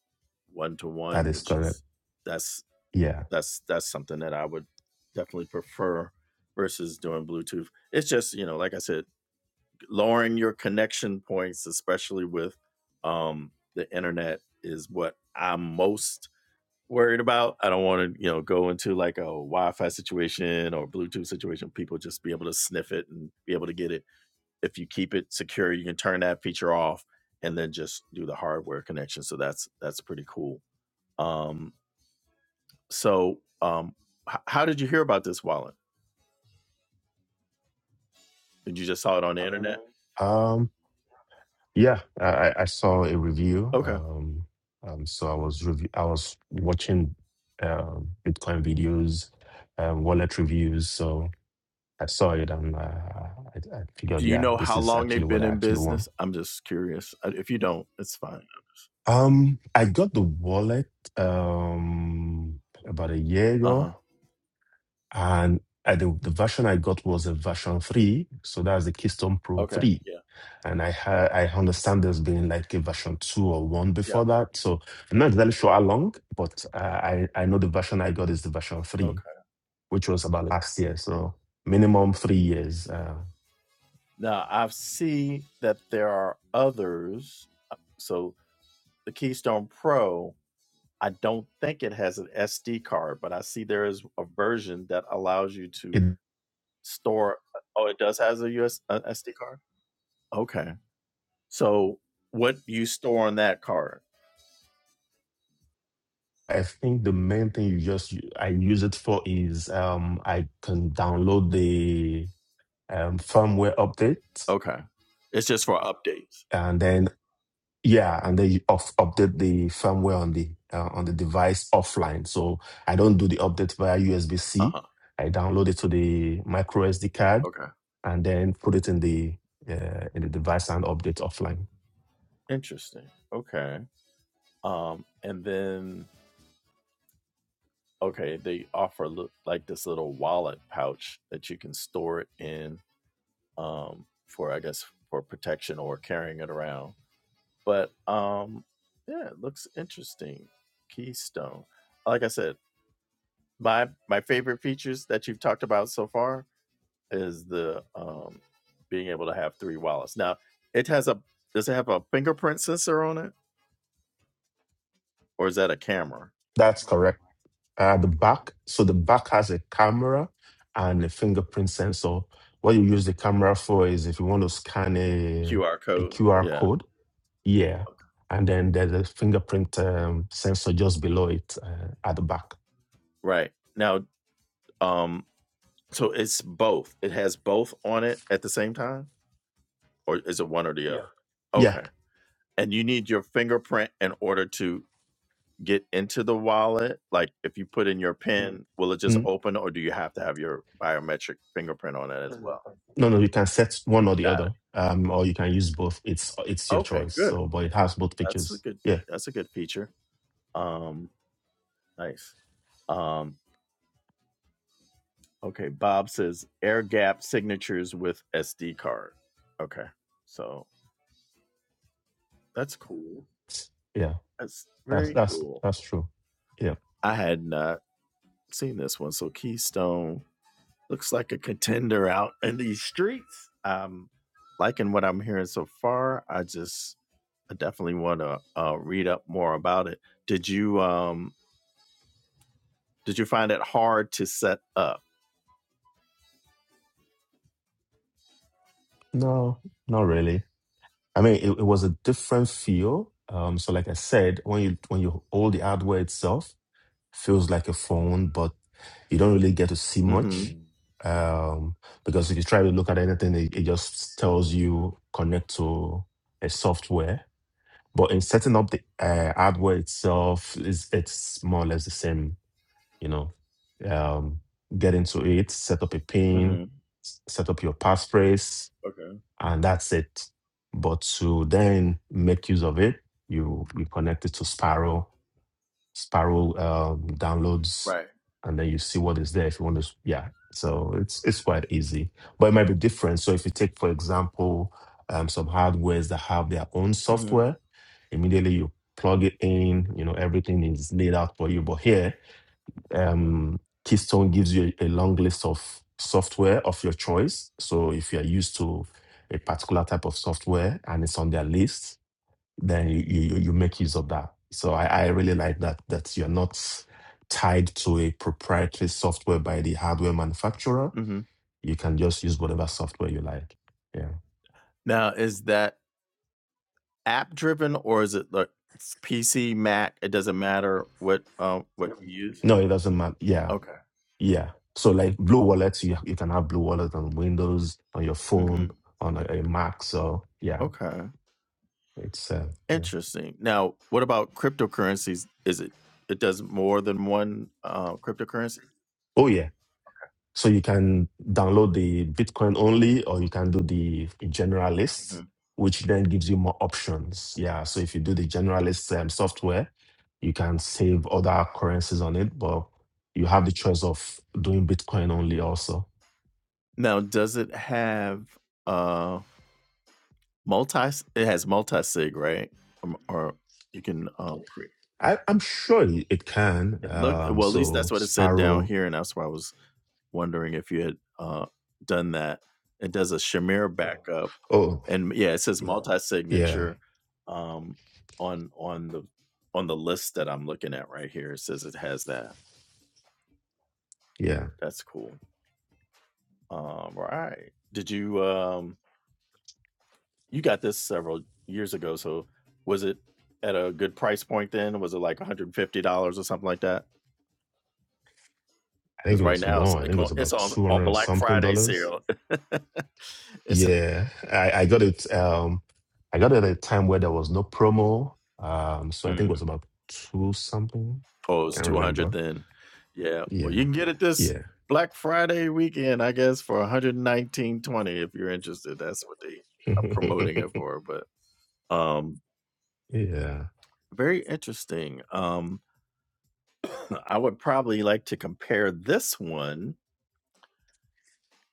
Speaker 1: one to
Speaker 2: that
Speaker 1: one,
Speaker 2: is
Speaker 1: which
Speaker 2: correct.
Speaker 1: is that's
Speaker 2: Yeah.
Speaker 1: that's that's something that I would definitely prefer versus doing Bluetooth. It's just you know, like I said, lowering your connection points, especially with um, the internet, is what I'm most worried about. I don't want to you know go into like a Wi-Fi situation or Bluetooth situation. People just be able to sniff it and be able to get it. If you keep it secure, you can turn that feature off and then just do the hardware connection. So that's that's pretty cool. Um, so, um, h- how did you hear about this wallet? Did you just saw it on the internet?
Speaker 2: Um, yeah, I, I I saw a review.
Speaker 1: Okay.
Speaker 2: Um, um, so I was review I was watching um, Bitcoin videos, um, wallet reviews. So I saw it and uh, I, I figured,
Speaker 1: Do you
Speaker 2: yeah,
Speaker 1: know
Speaker 2: this
Speaker 1: how
Speaker 2: is
Speaker 1: long
Speaker 2: actually
Speaker 1: they've
Speaker 2: what
Speaker 1: been
Speaker 2: I
Speaker 1: in
Speaker 2: actually want.
Speaker 1: business? I'm just curious. Uh, If you don't, it's fine.
Speaker 2: Um, I got the wallet um about a year
Speaker 1: Uh
Speaker 2: ago,
Speaker 1: huh.
Speaker 2: and I, the the version I got was a version three, so that's the Keystone Pro
Speaker 1: Okay.
Speaker 2: three.
Speaker 1: Yeah.
Speaker 2: And I ha I understand there's been like a version two or one
Speaker 1: Yeah.
Speaker 2: before that, so I'm not exactly sure how long, but uh, I I know the version I got is the version three,
Speaker 1: Okay.
Speaker 2: which was about last year, so minimum three years. Uh,
Speaker 1: Now I see that there are others. uh, So the Keystone Pro, I don't think it has an SD card, but I see there is a version that allows you
Speaker 2: it
Speaker 1: to store. uh, Oh, it does has a US a SD card. Okay. So what do you store on that card?
Speaker 2: I think the main thing you just I use it for is um I can download the um, firmware update,
Speaker 1: Okay. It's just for updates.
Speaker 2: and then yeah, and then you off update the firmware on the uh, on the device offline. So I don't do the update via USB
Speaker 1: Uh
Speaker 2: C.
Speaker 1: huh.
Speaker 2: I download it to the micro SD card
Speaker 1: Okay.
Speaker 2: and then put it in the uh, in the device and update offline.
Speaker 1: Interesting. Okay. Um, and then okay, they offer li- like this little wallet pouch that you can store it in, um, for I guess for protection or carrying it around. But um, yeah, it looks interesting. Keystone. Like I said, my my favorite features that you've talked about so far is the um being able to have three wallets. Now, it has a does it have a fingerprint sensor on it or is that a camera?
Speaker 2: That's correct. uh, the back. So the back has a camera and a fingerprint sensor. What you use the camera for is if you want to scan a,
Speaker 1: QR
Speaker 2: a
Speaker 1: code.
Speaker 2: QR
Speaker 1: Yeah.
Speaker 2: code, yeah. And then there's a fingerprint um, sensor just below it uh, at the back.
Speaker 1: Right. Now, um so it's both. It has both on it at the same time or is it one or the Yeah. other? Yeah.
Speaker 2: Yeah.
Speaker 1: Okay. And you need your fingerprint in order to get into the wallet? Like if you put in your pin, will it just
Speaker 2: Mm.
Speaker 1: open or do you have to have your biometric fingerprint on it as well?
Speaker 2: No, no, you can set one or the
Speaker 1: Got
Speaker 2: other, um, or you can use both. It's it's
Speaker 1: it.
Speaker 2: your
Speaker 1: Okay,
Speaker 2: choice.
Speaker 1: good.
Speaker 2: So, but it has both
Speaker 1: That's a
Speaker 2: pictures.
Speaker 1: good
Speaker 2: Yeah,
Speaker 1: that's a good feature. Um, nice. Um, okay. Bob says air gap signatures with SD card. Okay, so that's cool.
Speaker 2: yeah.
Speaker 1: That's
Speaker 2: That's
Speaker 1: very
Speaker 2: that's
Speaker 1: cool.
Speaker 2: that's true. Yeah.
Speaker 1: I had not seen this one. So Keystone looks like a contender out in these streets. Um, liking what I'm hearing so far. I just, I definitely want to uh, read up more about it. Did you, um, did you find it hard to set up?
Speaker 2: No, not really. I mean, it, it was a different feel. Um, so like I said, when you when you hold the hardware itself, feels like a phone, but you don't really get to see
Speaker 1: Mm-hmm.
Speaker 2: much.
Speaker 1: Mm.
Speaker 2: Um, because if you try to look at anything, it, it just tells you connect to a software. But in setting up the uh, hardware itself, is it's more or less the same, you know. Um, get into it, set up a pin,
Speaker 1: Mm-hmm.
Speaker 2: s- set up your passphrase,
Speaker 1: Okay.
Speaker 2: and that's it. But to then make use of it, you you connect it to Sparrow. Sparrow um, downloads,
Speaker 1: Right.
Speaker 2: and then you see what is there if you want to. s- Yeah, so it's it's quite easy, but it might be different. So if you take, for example, um, some hardwares that have their own
Speaker 1: hmm
Speaker 2: software, immediately you plug it in. You know everything is laid out for you. But here um, Keystone gives you a, a long list of software of your choice. So if you are used to a particular type of software and it's on their list, then you you, you make use of that. So I, I really like that that you're not tied to a proprietary software by the hardware manufacturer.
Speaker 1: hmm
Speaker 2: You can just use whatever software you like. Yeah.
Speaker 1: Now, is that app driven or is it like s- PC, Mac? It doesn't matter what um what Yep. you use.
Speaker 2: No, it doesn't matter. Yeah.
Speaker 1: Okay.
Speaker 2: Yeah. So like Blue Wallet, you, you can have Blue Wallet on Windows, on your
Speaker 1: hmm
Speaker 2: phone, on a, a Mac. So yeah,
Speaker 1: Okay.
Speaker 2: it's uh, yeah.
Speaker 1: Interesting. Now, what about cryptocurrencies? Is it it does more than one uh, cryptocurrency?
Speaker 2: Oh yeah. So you can download the Bitcoin only, or you can do the generalist,
Speaker 1: Mhm.
Speaker 2: which then gives you more options. Yeah. So if you do the generalist um, software, you can save other currencies on it, but you have the choice of doing Bitcoin only also.
Speaker 1: Now, does it have uh multi? It has multi sig, right? Um, or you can uh create.
Speaker 2: I, I'm sure it it can.
Speaker 1: It looked
Speaker 2: Um,
Speaker 1: well. At least
Speaker 2: so
Speaker 1: that's what it said down
Speaker 2: Sparrow.
Speaker 1: here, and that's why I was wondering if you had uh, done that. It does a Shamir backup,
Speaker 2: Oh
Speaker 1: and yeah, it says
Speaker 2: yeah,
Speaker 1: multi-signature um, on on the on the list that I'm looking at right here. It says it has that.
Speaker 2: yeah.
Speaker 1: That's cool. Um, right? Did you um, you got this several years ago? So was it at a good price point then? Was it like 150 dollars or something like that?
Speaker 2: I think
Speaker 1: Because
Speaker 2: it
Speaker 1: right
Speaker 2: was
Speaker 1: now it's
Speaker 2: more. I think it
Speaker 1: like
Speaker 2: was
Speaker 1: on, it's
Speaker 2: about
Speaker 1: on
Speaker 2: two
Speaker 1: a
Speaker 2: hundred and
Speaker 1: Black
Speaker 2: something
Speaker 1: Friday
Speaker 2: dollars.
Speaker 1: sale. it's
Speaker 2: Yeah, I, I got it. Um, I got it at a time where there was no promo. Um, so I think
Speaker 1: mm,
Speaker 2: it was about two something.
Speaker 1: pose
Speaker 2: Can't
Speaker 1: two hundred.
Speaker 2: remember.
Speaker 1: Then, yeah. Well,
Speaker 2: Yeah,
Speaker 1: you can get it this
Speaker 2: yeah,
Speaker 1: Black Friday weekend, I guess, for one hundred nineteen twenty if you're interested. That's what they are promoting it for. But um,
Speaker 2: yeah.
Speaker 1: very interesting. Um, I would probably like to compare this one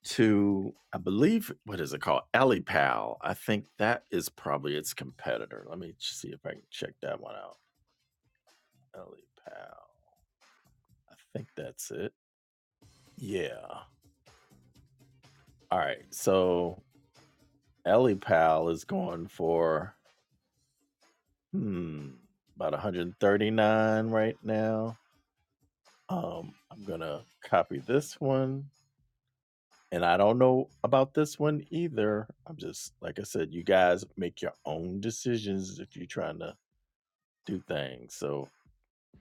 Speaker 1: to, I believe, what is it called? Alipal. I think that is probably its competitor. Let me ch- see if I can check that one out. Ellie Pal. I think that's it. Yeah. All right. So Ellie Pal is going for hmm about 139 right now. Um, I'm gonna copy this one. And I don't know about this one either. I'm just like I said, you guys make your own decisions if you're trying to do things. So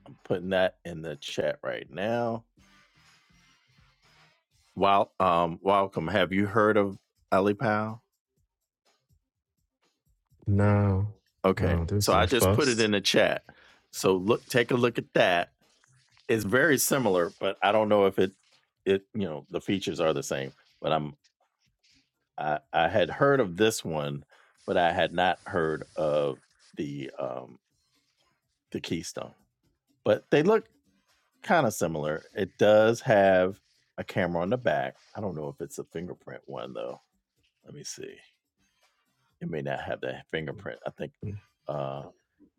Speaker 1: I'm putting that in the chat right now. Well, um, welcome. Have you heard of Ellie Pal?
Speaker 2: Now,
Speaker 1: Okay. Okay,
Speaker 2: oh, this
Speaker 1: So
Speaker 2: is
Speaker 1: so I
Speaker 2: my
Speaker 1: just put it in
Speaker 2: first,
Speaker 1: the chat. So look, take a look at that. It's very similar, but I don't know if it, it, you know, the features are the same. But I'm, I, I had heard of this one, but I had not heard of the, um, the Keystone. But they look kind of similar. It does have a camera on the back. I don't know if it's a fingerprint one though. Let me see. It may not have that fingerprint. I think, uh,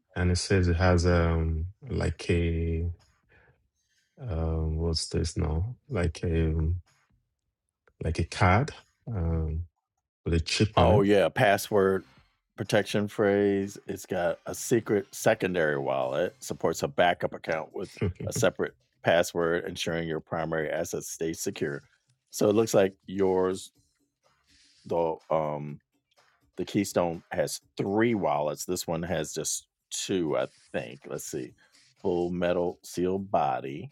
Speaker 2: and it says it has um like a um what's this now? Like a um, like a card um with a chip on
Speaker 1: Oh yeah, password protection phrase. It's got a secret secondary wallet, supports a backup account with
Speaker 2: it.
Speaker 1: a separate password, ensuring your primary assets stay secure. So it looks like yours, the um the Keystone has three wallets. This one has just two, I think. Let's see. Full metal seal body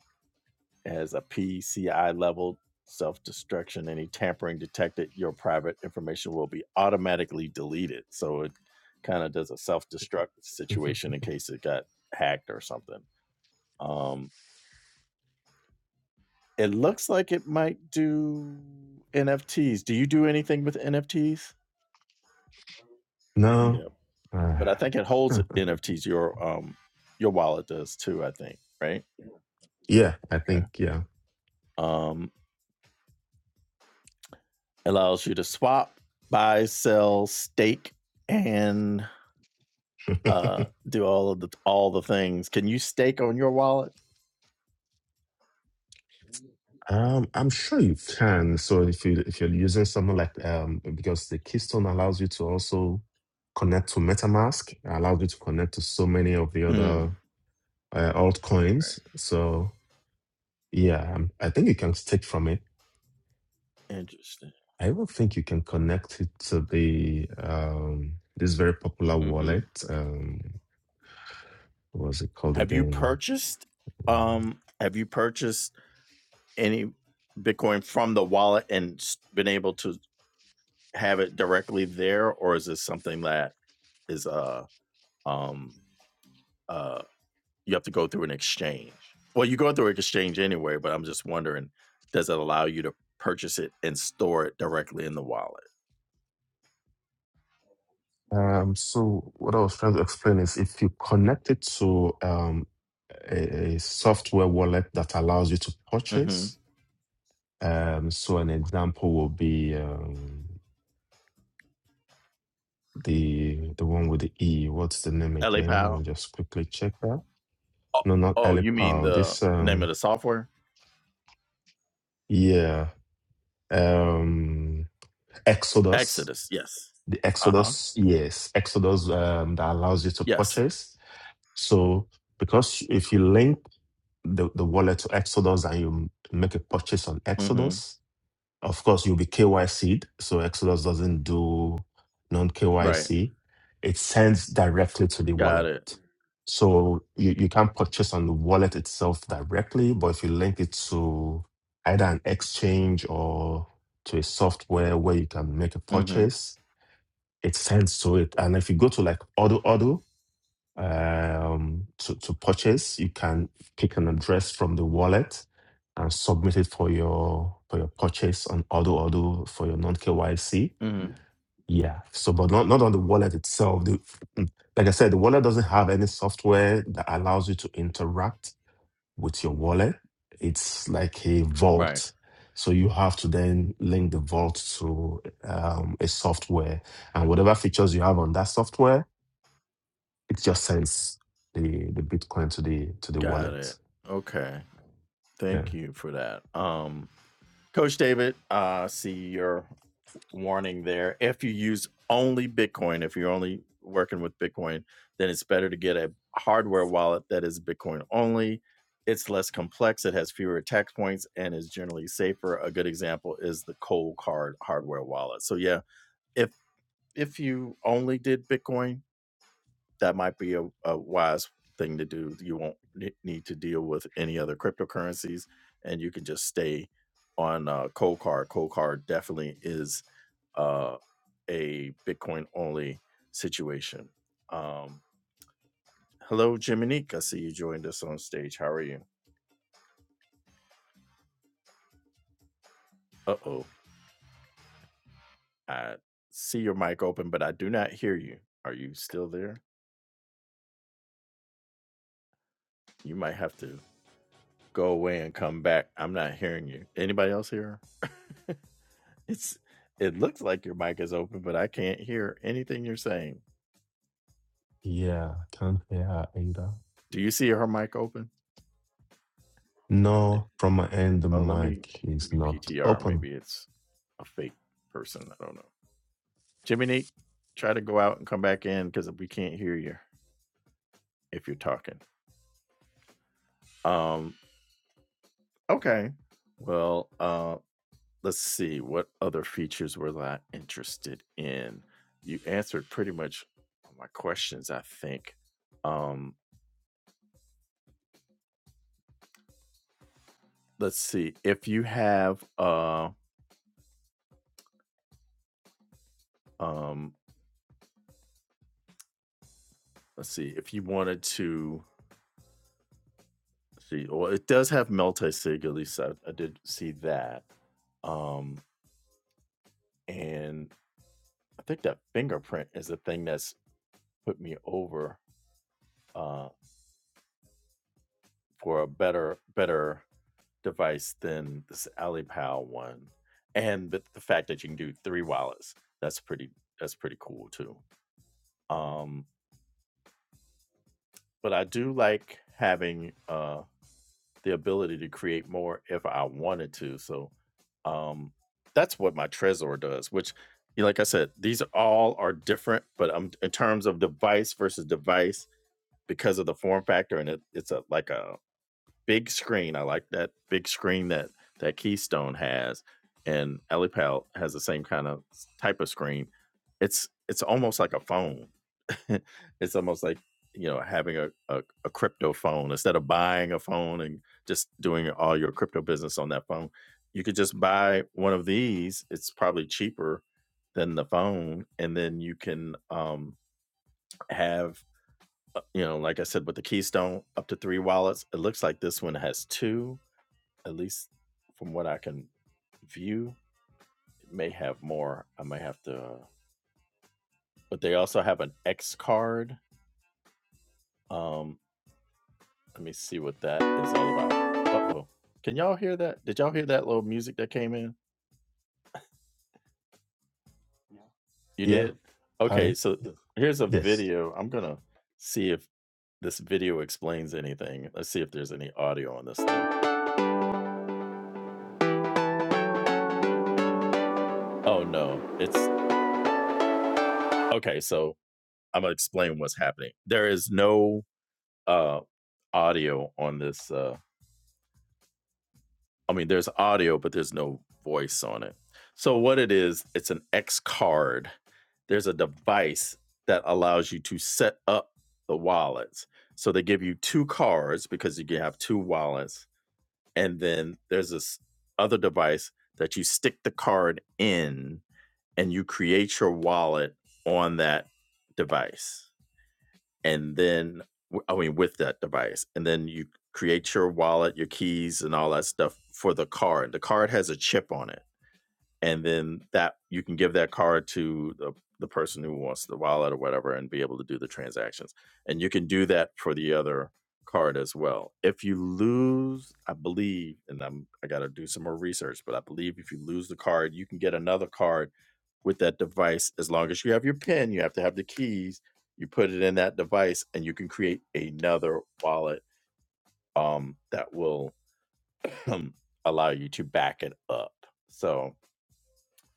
Speaker 1: as a PCI level self destruction. Any tampering detected, your private information will be automatically deleted. So it kind of does a self destruct situation in case it got hacked or something. Um, it looks like it might do NFTs. Do you do anything with NFTs?
Speaker 2: No,
Speaker 1: Yeah,
Speaker 2: uh,
Speaker 1: but I think it holds
Speaker 2: huh.
Speaker 1: NFTs. Your um, your wallet does too. I think right.
Speaker 2: yeah, I
Speaker 1: Okay.
Speaker 2: think yeah.
Speaker 1: Um, allows you to swap, buy, sell, stake, and uh, do all of the all the things. Can you stake on your wallet?
Speaker 2: Um, I'm sure you can. So if you if you're using something like um because the Keystone allows you to also connect to MetaMask, allows you to connect to so many of the other
Speaker 1: Mm,
Speaker 2: uh, altcoins. So yeah, um, I think you can stick from it.
Speaker 1: interesting.
Speaker 2: I even think you can connect it to the um this very popular
Speaker 1: hmm
Speaker 2: wallet. Um, what was it called
Speaker 1: Have you
Speaker 2: again?
Speaker 1: purchased? Um, have you purchased any Bitcoin from the wallet and s- been able to have it directly there, or is this something that is uh um uh? you have to go through an exchange. Well, you go through an exchange anyway, but I'm just wondering, does it allow you to purchase it and store it directly in the wallet?
Speaker 2: Um, so what I was trying to explain is if you connect it to um, a, a software wallet that allows you to
Speaker 1: Mm-hmm.
Speaker 2: purchase, um, so an example will be um, the the one with the E. What's the name
Speaker 1: LA
Speaker 2: again? Let me just quickly check that.
Speaker 1: Oh,
Speaker 2: No, not
Speaker 1: oh, you mean
Speaker 2: Alipal.
Speaker 1: the
Speaker 2: This
Speaker 1: name
Speaker 2: um,
Speaker 1: of the software?
Speaker 2: yeah, um, Exodus.
Speaker 1: Exodus. Yes.
Speaker 2: The
Speaker 1: Uh huh.
Speaker 2: Exodus, yes, Exodus um, that allows you to
Speaker 1: Yes.
Speaker 2: purchase. So because if you link the, the wallet to Exodus and you make a purchase on
Speaker 1: Mm-hmm.
Speaker 2: Exodus. Of course, you'll be KYC'd. So Exodus doesn't do non
Speaker 1: Right.
Speaker 2: KYC. It sends directly to the
Speaker 1: Got
Speaker 2: wallet.
Speaker 1: it.
Speaker 2: So you, you can purchase on the wallet itself directly, but if you link it to either an exchange or to a software where you can make a
Speaker 1: Mm-hmm.
Speaker 2: purchase, it sends to it. And if you go to like Odo um, to, to purchase. You can pick an address from the wallet and submit it for your for your purchase on Auto Auto for your non KYC.
Speaker 1: Mm-hmm.
Speaker 2: Yeah. So, but not not on the wallet itself. The, like I said, the wallet doesn't have any software that allows you to interact with your wallet. It's like a
Speaker 1: Right.
Speaker 2: vault. So you have to then link the vault to um, a software, and whatever features you have on that software it just sends the the Bitcoin to the to the
Speaker 1: Got
Speaker 2: wallet.
Speaker 1: it. Okay.
Speaker 2: Yeah.
Speaker 1: Thank you for that. Um. Coach David, uh, see your warning there. If you use only Bitcoin, if you're only working with Bitcoin, then it's better to get a hardware wallet that is Bitcoin only. It's less complex, it has fewer attack points, and is generally safer. A good example is the cold card hardware wallet. So yeah, if if you only did Bitcoin, that might be a, a wise thing to do. You won't ne- need to deal with any other cryptocurrencies, and you can just stay on uh, Cold Card. Cold Card definitely is uh, a Bitcoin only situation. Um, hello, Jiminique. I see you joined us on stage. How are you? Uh oh, I see your mic open, but I do not hear you. Are you still there? You might have to go away and come back. I'm not hearing you. Anybody else here? It's it looks like your mic is open, but I can't hear anything you're saying.
Speaker 2: Yeah, I can't hear her either.
Speaker 1: Do you see her mic open?
Speaker 2: No, from my end, the
Speaker 1: Oh, let me
Speaker 2: mic
Speaker 1: let
Speaker 2: is
Speaker 1: me
Speaker 2: not
Speaker 1: PTR.
Speaker 2: open.
Speaker 1: Maybe it's a fake person. I don't know. Jimmy Neat, try to go out and come back in because we can't hear you if you're talking. Um. Okay. Well. Uh. Let's see what other features was I interested in. You answered pretty much all my questions, I think. Um. Let's see if you have uh Um, let's see if you wanted to let's see. Well, it does have multi-sig. At least I, I did see that. Um, and I think that fingerprint is the thing that's put me over uh, for a better better device than this AliPal one, and the, the fact that you can do three wallets. That's pretty. That's pretty cool too. Um, but I do like having. Uh, the ability to create more if I wanted to. So um, that's what my Trezor does, which, you know, like I said, these all are different, but um, in terms of device versus device, because of the form factor, and it, it's a like a big screen. I like that big screen that that Keystone has, and Elipal has the same kind of type of screen. It's it's almost like a phone. it's almost like you know having a, a a crypto phone instead of buying a phone and just doing all your crypto business on that phone. You could just buy one of these. It's probably cheaper than the phone, and then you can um, have uh, you know, like I said, with the Keystone up to three wallets. It looks like this one has two at least from what I can view. It may have more. I may have to, uh, but they also have an X card. Um, let me see what that is all about. Uh oh. Can y'all hear that? Did y'all hear that little music that came in? You
Speaker 2: Yeah,
Speaker 1: did?
Speaker 2: had
Speaker 1: Okay,
Speaker 2: it.
Speaker 1: so th- here's a
Speaker 2: Yes.
Speaker 1: video. I'm going to see if this video explains anything. Let's see if there's any audio on this thing. Oh, no. It's okay. So I'm going to explain what's happening. There is no uh, audio on this. Uh, I mean, there's audio, but there's no voice on it. So, what it is, it's an X card. There's a device that allows you to set up the wallets. So, they give you two cards because you can have two wallets. And then there's this other device that you stick the card in and you create your wallet on that device and then w- I mean with that device, and then you create your wallet, your keys, and all that stuff for the card. The card has a chip on it and then that you can give that card to the, the person who wants the wallet or whatever and be able to do the transactions and you can do that for the other card as well if you lose i believe and i'm i got to do some more research but i believe if you lose the card you can get another card with that device as long as you have your pin you have to have the keys you put it in that device and you can create another wallet um, that will allow you to back it up so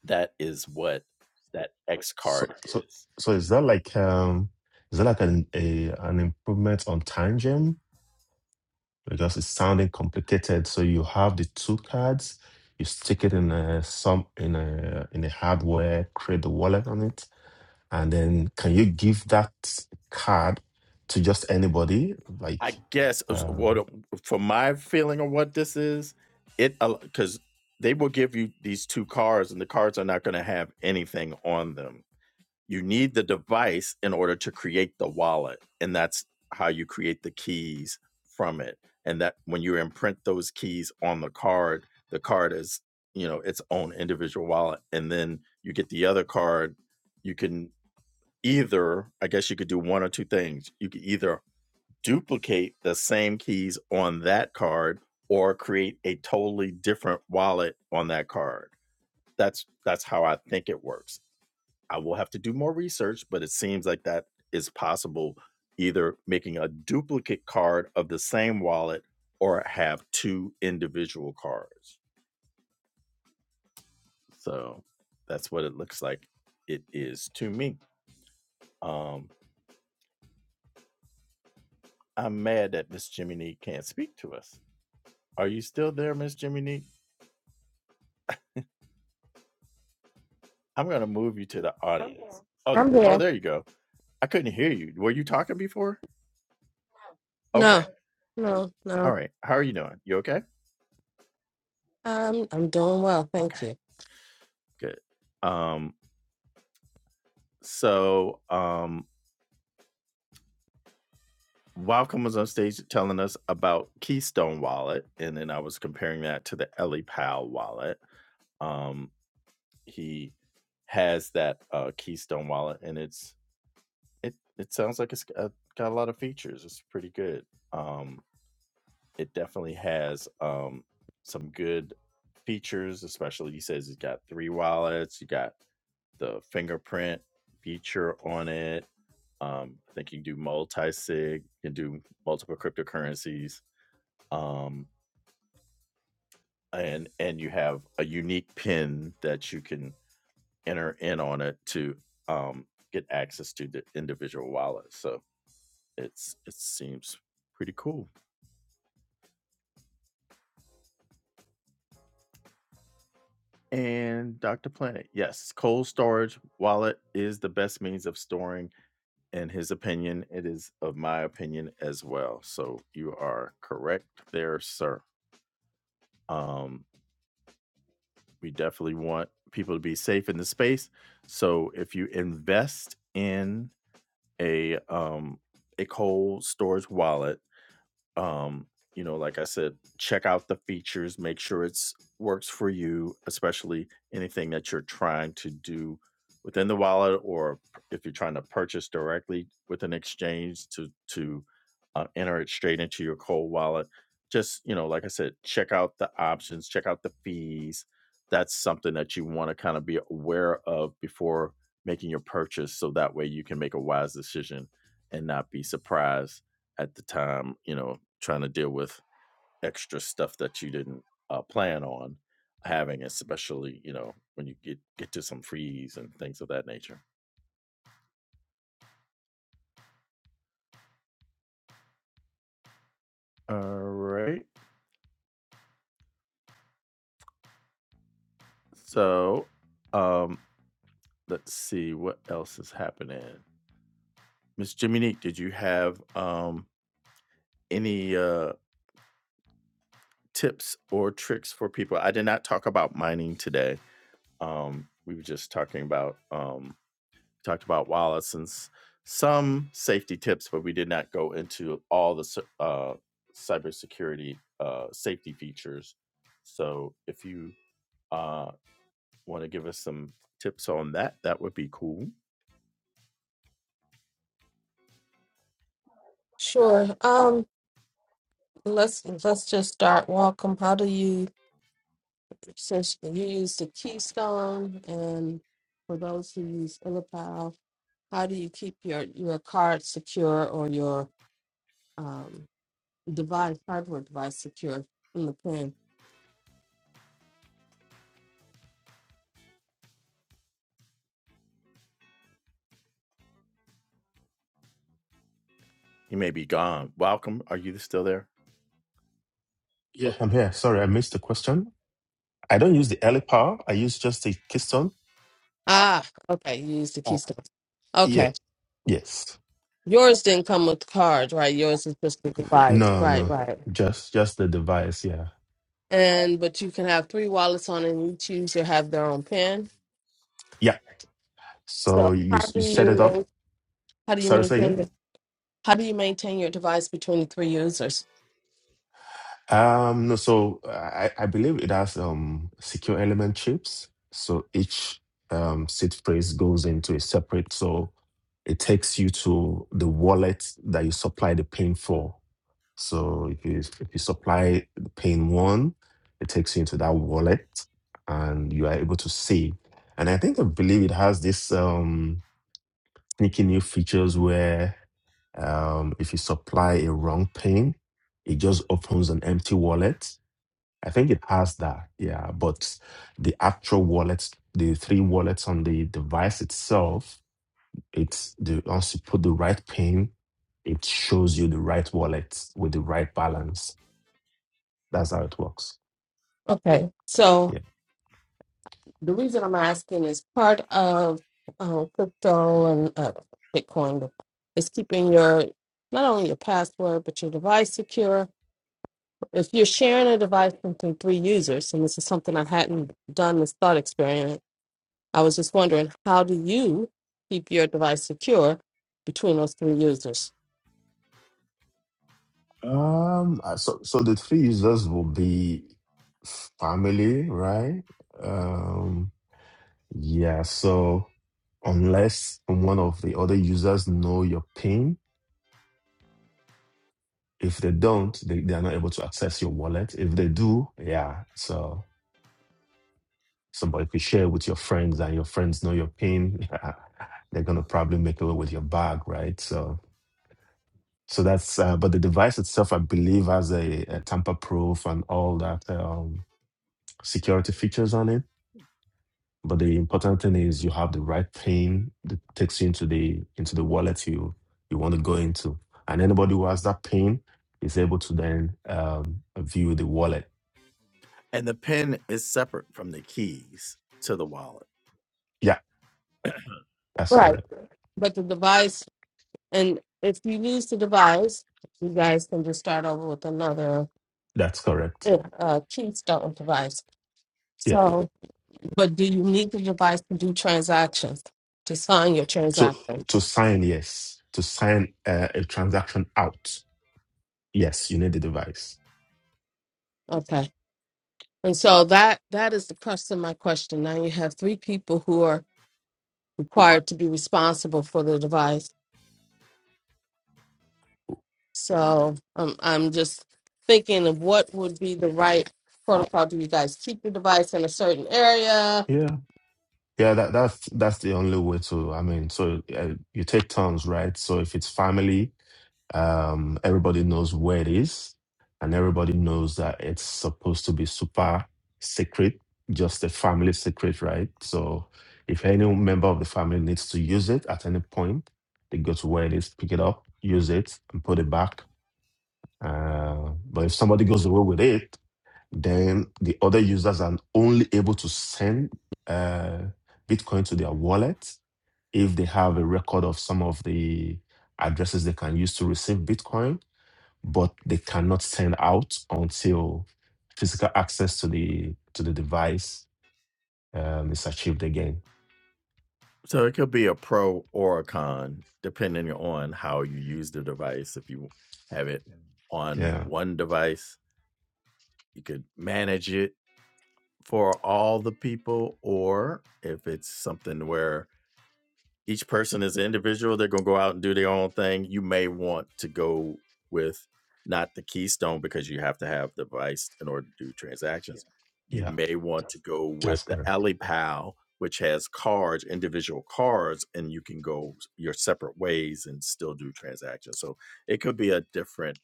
Speaker 1: that is what that X
Speaker 2: So,
Speaker 1: card
Speaker 2: so,
Speaker 1: is.
Speaker 2: so is that like um, is that like an a, an improvement on time gem? Because it's sounding complicated. So you have the two cards, you stick it in a some in a in a hardware, create the wallet on it, And then can you give that card to just anybody?
Speaker 1: I
Speaker 2: Like,
Speaker 1: guess
Speaker 2: uh,
Speaker 1: what from my feeling of what this is, it because they will give you these two cards, and the cards are not going to have anything on them. You need the device in order to create the wallet, and that's how you create the keys from it. And that when you imprint those keys on the card, the card is you know its own individual wallet, and then you get the other card. You can either I guess you could do one or two things. You could either duplicate the same keys on that card or create a totally different wallet on that card. That's that's how I think it works. I will have to do more research, but it seems like that is possible either making a duplicate card of the same wallet or have two individual cards. So that's what it looks like it is to me. Um I'm mad that Miss Jiminy can't speak to us. Are you still there, Miss Jimmy Neat? I'm gonna move you to the I'm audience. here. Oh, th-
Speaker 3: I'm
Speaker 1: oh,
Speaker 3: here.
Speaker 1: there you go. I couldn't hear you. Were you talking before? Okay.
Speaker 3: No, No.
Speaker 1: All
Speaker 3: no.
Speaker 1: right. How are you doing? You okay?
Speaker 3: I'm I'm doing well,
Speaker 1: Okay.
Speaker 3: thank you.
Speaker 1: Good. Um. So, um, Welcome was on stage telling us about Keystone Wallet, and then I was comparing that to the Ellie Powell wallet. Um, he has that uh, Keystone wallet, and it's it it sounds like it's got, got a lot of features. It's pretty good. Um, it definitely has um, some good features, especially he says it's got three wallets, you got the fingerprint feature on it. Um, I think you can do multi sig, you can do multiple cryptocurrencies, um, and and you have a unique pin that you can enter in on it to um, get access to the individual wallet. So it's it seems pretty cool. And Dr. Planet, yes, cold storage wallet is the best means of storing. In his opinion, it is of my opinion as well. So you are correct there, sir. Um, we definitely want people to be safe in the space. So if you invest in a um, a cold storage wallet, um you know like i said check out the features make sure it's works for you especially anything that you're trying to do within the wallet or p- if you're trying to purchase directly with an exchange to to uh, enter it straight into your cold wallet just you know like i said check out the options check out the fees that's something that you want to kind of be aware of before making your purchase so that way you can make a wise decision and not be surprised at the time you know trying to deal with extra stuff that you didn't uh, plan on having, especially you know when you get get to some freeze and things of that nature. All right. So, um, let's see what else is happening. Miss Jiminique, did you have um any uh tips or tricks for people? I did not talk about mining today. Um, we were just talking about um talked about wallets and s- some safety tips, but we did not go into all the cy- uh, cybersecurity uh, safety features. So if you uh, want to give us some tips on that, that would be cool.
Speaker 3: Sure. Um, let's let's just start. Welcome. How do you since you use the Keystone and for those who use Illipal, how do you keep your your card secure or your um device hardware device secure from the pin?
Speaker 1: He may be gone. Welcome. Are you still there?
Speaker 2: yeah, I'm here. Sorry, I missed the question. I don't use the LPAR. I use just the Keystone.
Speaker 3: Ah, okay. You use the
Speaker 2: Oh,
Speaker 3: Keystone.
Speaker 2: yeah.
Speaker 3: Okay.
Speaker 2: Yes.
Speaker 3: Yours didn't come with the card, right? Yours is just the device.
Speaker 2: No,
Speaker 3: Right,
Speaker 2: no.
Speaker 3: right.
Speaker 2: Just just the device. Yeah.
Speaker 3: and but you can have three wallets on and each user have their own pin.
Speaker 2: Yeah.
Speaker 3: So
Speaker 2: So you
Speaker 3: how
Speaker 2: you
Speaker 3: do
Speaker 2: set
Speaker 3: you
Speaker 2: it up.
Speaker 3: ma- how do you
Speaker 2: Sorry, say again.
Speaker 3: maintain the, how do you maintain your device between the three users?
Speaker 2: Um, no, so I, I believe it has um secure element chips. So each um seed phrase goes into a separate, so it takes you to the wallet that you supply the pin for. So if you if you supply the pin one, it takes you into that wallet and you are able to save. And I think I believe it has this um sneaky new features where um if you supply a wrong pin, it just opens an empty wallet I think it has that, yeah. But the actual wallets, the three wallets on the device itself, it's the once you put the right pin, it shows you the right wallet with the right balance. That's how it works.
Speaker 3: Okay, so
Speaker 2: Yeah.
Speaker 3: the reason I'm asking is part of um, crypto and uh, Bitcoin is keeping your not only your password but your device secure. If you're sharing a device between three users, and this is something I hadn't done this thought experiment I was just wondering, how do you keep your device secure between those three users?
Speaker 2: Um. uh, So so the three users will be family, right? Um. Yeah. So unless one of the other users know your pin If they don't, they, they are not able to access your wallet. If they do, yeah. So somebody could share with your friends and your friends know your PIN, they're gonna probably make away with your bag, right? So so that's uh, but the device itself, I believe, has a, a tamper proof and all that um, security features on it. But the important thing is you have the right PIN that takes you into the into the wallet you you want to go into, and anybody who has that PIN is able to then um, view the wallet
Speaker 1: And the pin is separate from the keys to the wallet.
Speaker 2: That's
Speaker 3: Right.
Speaker 2: correct.
Speaker 3: But the device, and if you lose the device, you guys can just start over with another
Speaker 2: That's correct.
Speaker 3: uh, uh, keystone device.
Speaker 2: Yeah.
Speaker 3: So, but do you need the device to do transactions, to sign your
Speaker 2: So
Speaker 3: transaction?
Speaker 2: to sign, yes. To sign uh, a transaction out, yes, you need the device.
Speaker 3: Okay. And so that that is the crux of my question. Now you have three people who are required to be responsible for the device So um, I'm just thinking of what would be the right protocol. Do you guys keep the device in a certain area?
Speaker 2: Yeah. Yeah. That that's that's the only way to. I mean, so uh, you take turns, right? So if it's family, Um, everybody knows where it is, and everybody knows that it's supposed to be super secret, just a family secret, right? So if any member of the family needs to use it at any point, they go to where it is, pick it up, use it, and put it back. Uh, but if somebody goes away with it, then the other users are only able to send uh, Bitcoin to their wallet if they have a record of some of the addresses they can use to receive Bitcoin but they cannot send out until physical access to the to the device um, is achieved again.
Speaker 1: So it could be a pro or a con, depending on how you use the device. If you have it on
Speaker 2: Yeah,
Speaker 1: one device, you could manage it for all the people, or if it's something where each person is an individual, they're going to go out and do their own thing. You may want to go with not the Keystone because you have to have the device in order to do transactions. Yeah. You
Speaker 2: yeah,
Speaker 1: may want to go with
Speaker 2: that's
Speaker 1: the
Speaker 2: correct.
Speaker 1: Alley which has cards, individual cards, and you can go your separate ways and still do transactions. So it could be a different,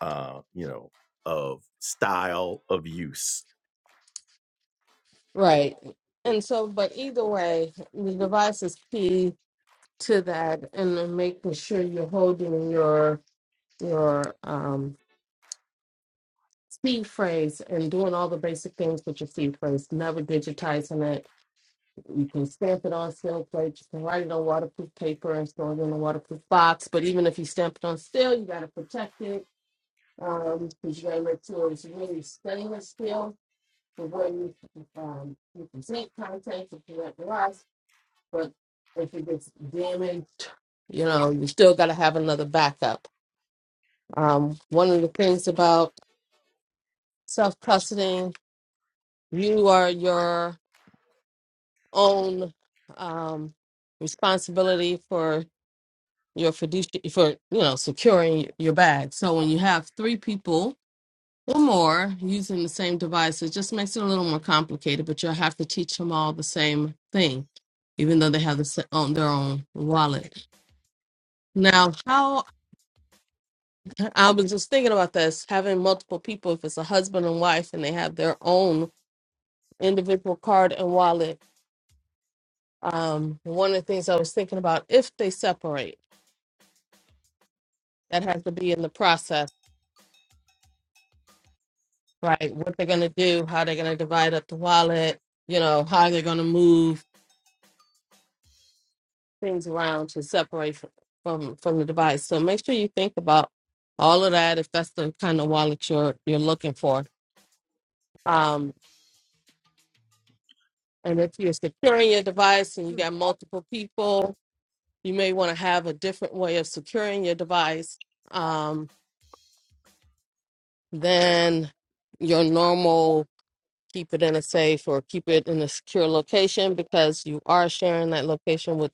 Speaker 1: uh, you know, of style of use.
Speaker 3: Right. And so, but either way, the device is key to that, and then making sure you're holding your your um, seed phrase and doing all the basic things with your seed phrase. Never digitizing it. You can stamp it on steel plates. You can write it on waterproof paper and store it in a waterproof box. But even if you stamp it on steel, you got to protect it Um, because you gotta make sure it's really stainless steel the way you um you can take contact to prevent the rust, but if it gets damaged, you know, you still gotta have another backup. Um, one of the things about self custodying, you are your own um responsibility for your fiduciary for you know securing your bag. So when you have three people or more using the same device. It just makes it a little more complicated, but you'll have to teach them all the same thing, even though they have the, sa- on their own wallet. Now, how I was just thinking about this having multiple people, if it's a husband and wife and they have their own individual card and wallet, um, one of the things I was thinking about if they separate, that has to be in the process, right? What they're going to do, how they're going to divide up the wallet, you know, how they're going to move things around to separate f- from from the device. So make sure you think about all of that if that's the kind of wallet you're you're looking for. Um, and if you're securing your device and you got multiple people, you may want to have a different way of securing your device um, than your normal keep it in a safe or keep it in a secure location because you are sharing that location with.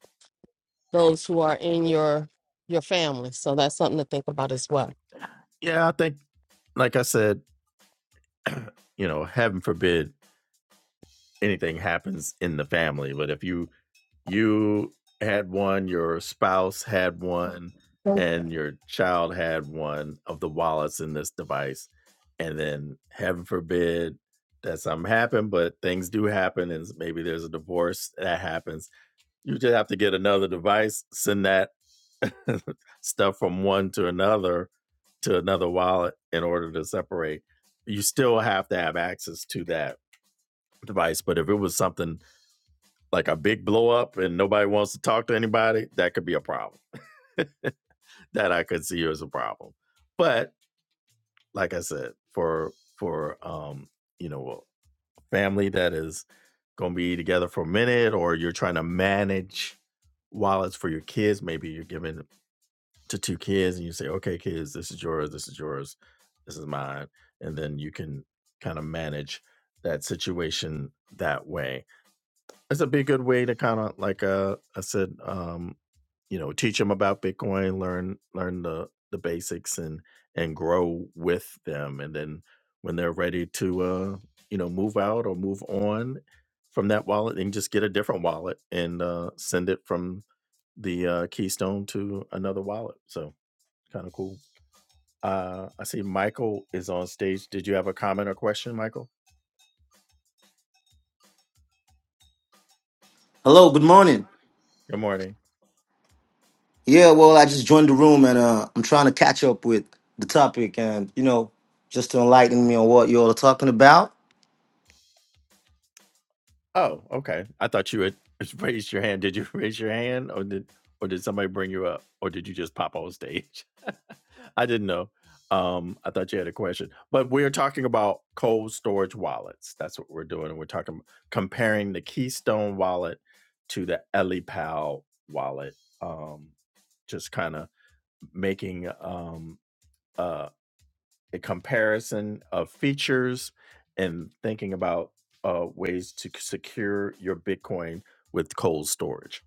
Speaker 3: those who are in your your family. So that's something to think about as well.
Speaker 1: Yeah, I think like I said, you know, heaven forbid anything happens in the family, but if you you had one, your spouse had one, and your child had one of the wallets in this device, and then heaven forbid that something happened, but things do happen, and maybe there's a divorce that happens. You just have to get another device, send that stuff from one to another to another wallet in order to separate. You still have to have access to that device. But if it was something like a big blow up and nobody wants to talk to anybody, that could be a problem. that I could see as a problem. But like I said, for for um, you know, a family that is gonna be together for a minute or you're trying to manage wallets for your kids, maybe you're giving to two kids and you say, Okay, kids, this is yours, this is yours, this is mine, and then you can kind of manage that situation that way That's a big good way to kind of like uh I said, um, you know, teach them about Bitcoin, learn learn the the basics, and and grow with them, and then when they're ready to uh you know move out or move on from that wallet, they can just get a different wallet and uh, send it from the uh, Keystone to another wallet. So kind of cool. Uh, I see Michael is on stage. Did you have a comment or question, Michael?
Speaker 4: Hello, good morning.
Speaker 1: Good morning.
Speaker 4: Yeah, well, I just joined the room and uh, I'm trying to catch up with the topic and, you know, just to enlighten me on what you all are talking about.
Speaker 1: Oh, okay. I thought you had raised your hand. Did you raise your hand or did or did somebody bring you up or did you just pop on stage? I didn't know. Um, I thought you had a question. But we're talking about cold storage wallets. That's what we're doing. We're talking comparing the Keystone wallet to the EliPal wallet. Um, just kind of making um uh, a comparison of features and thinking about uh, ways to secure your Bitcoin with cold storage.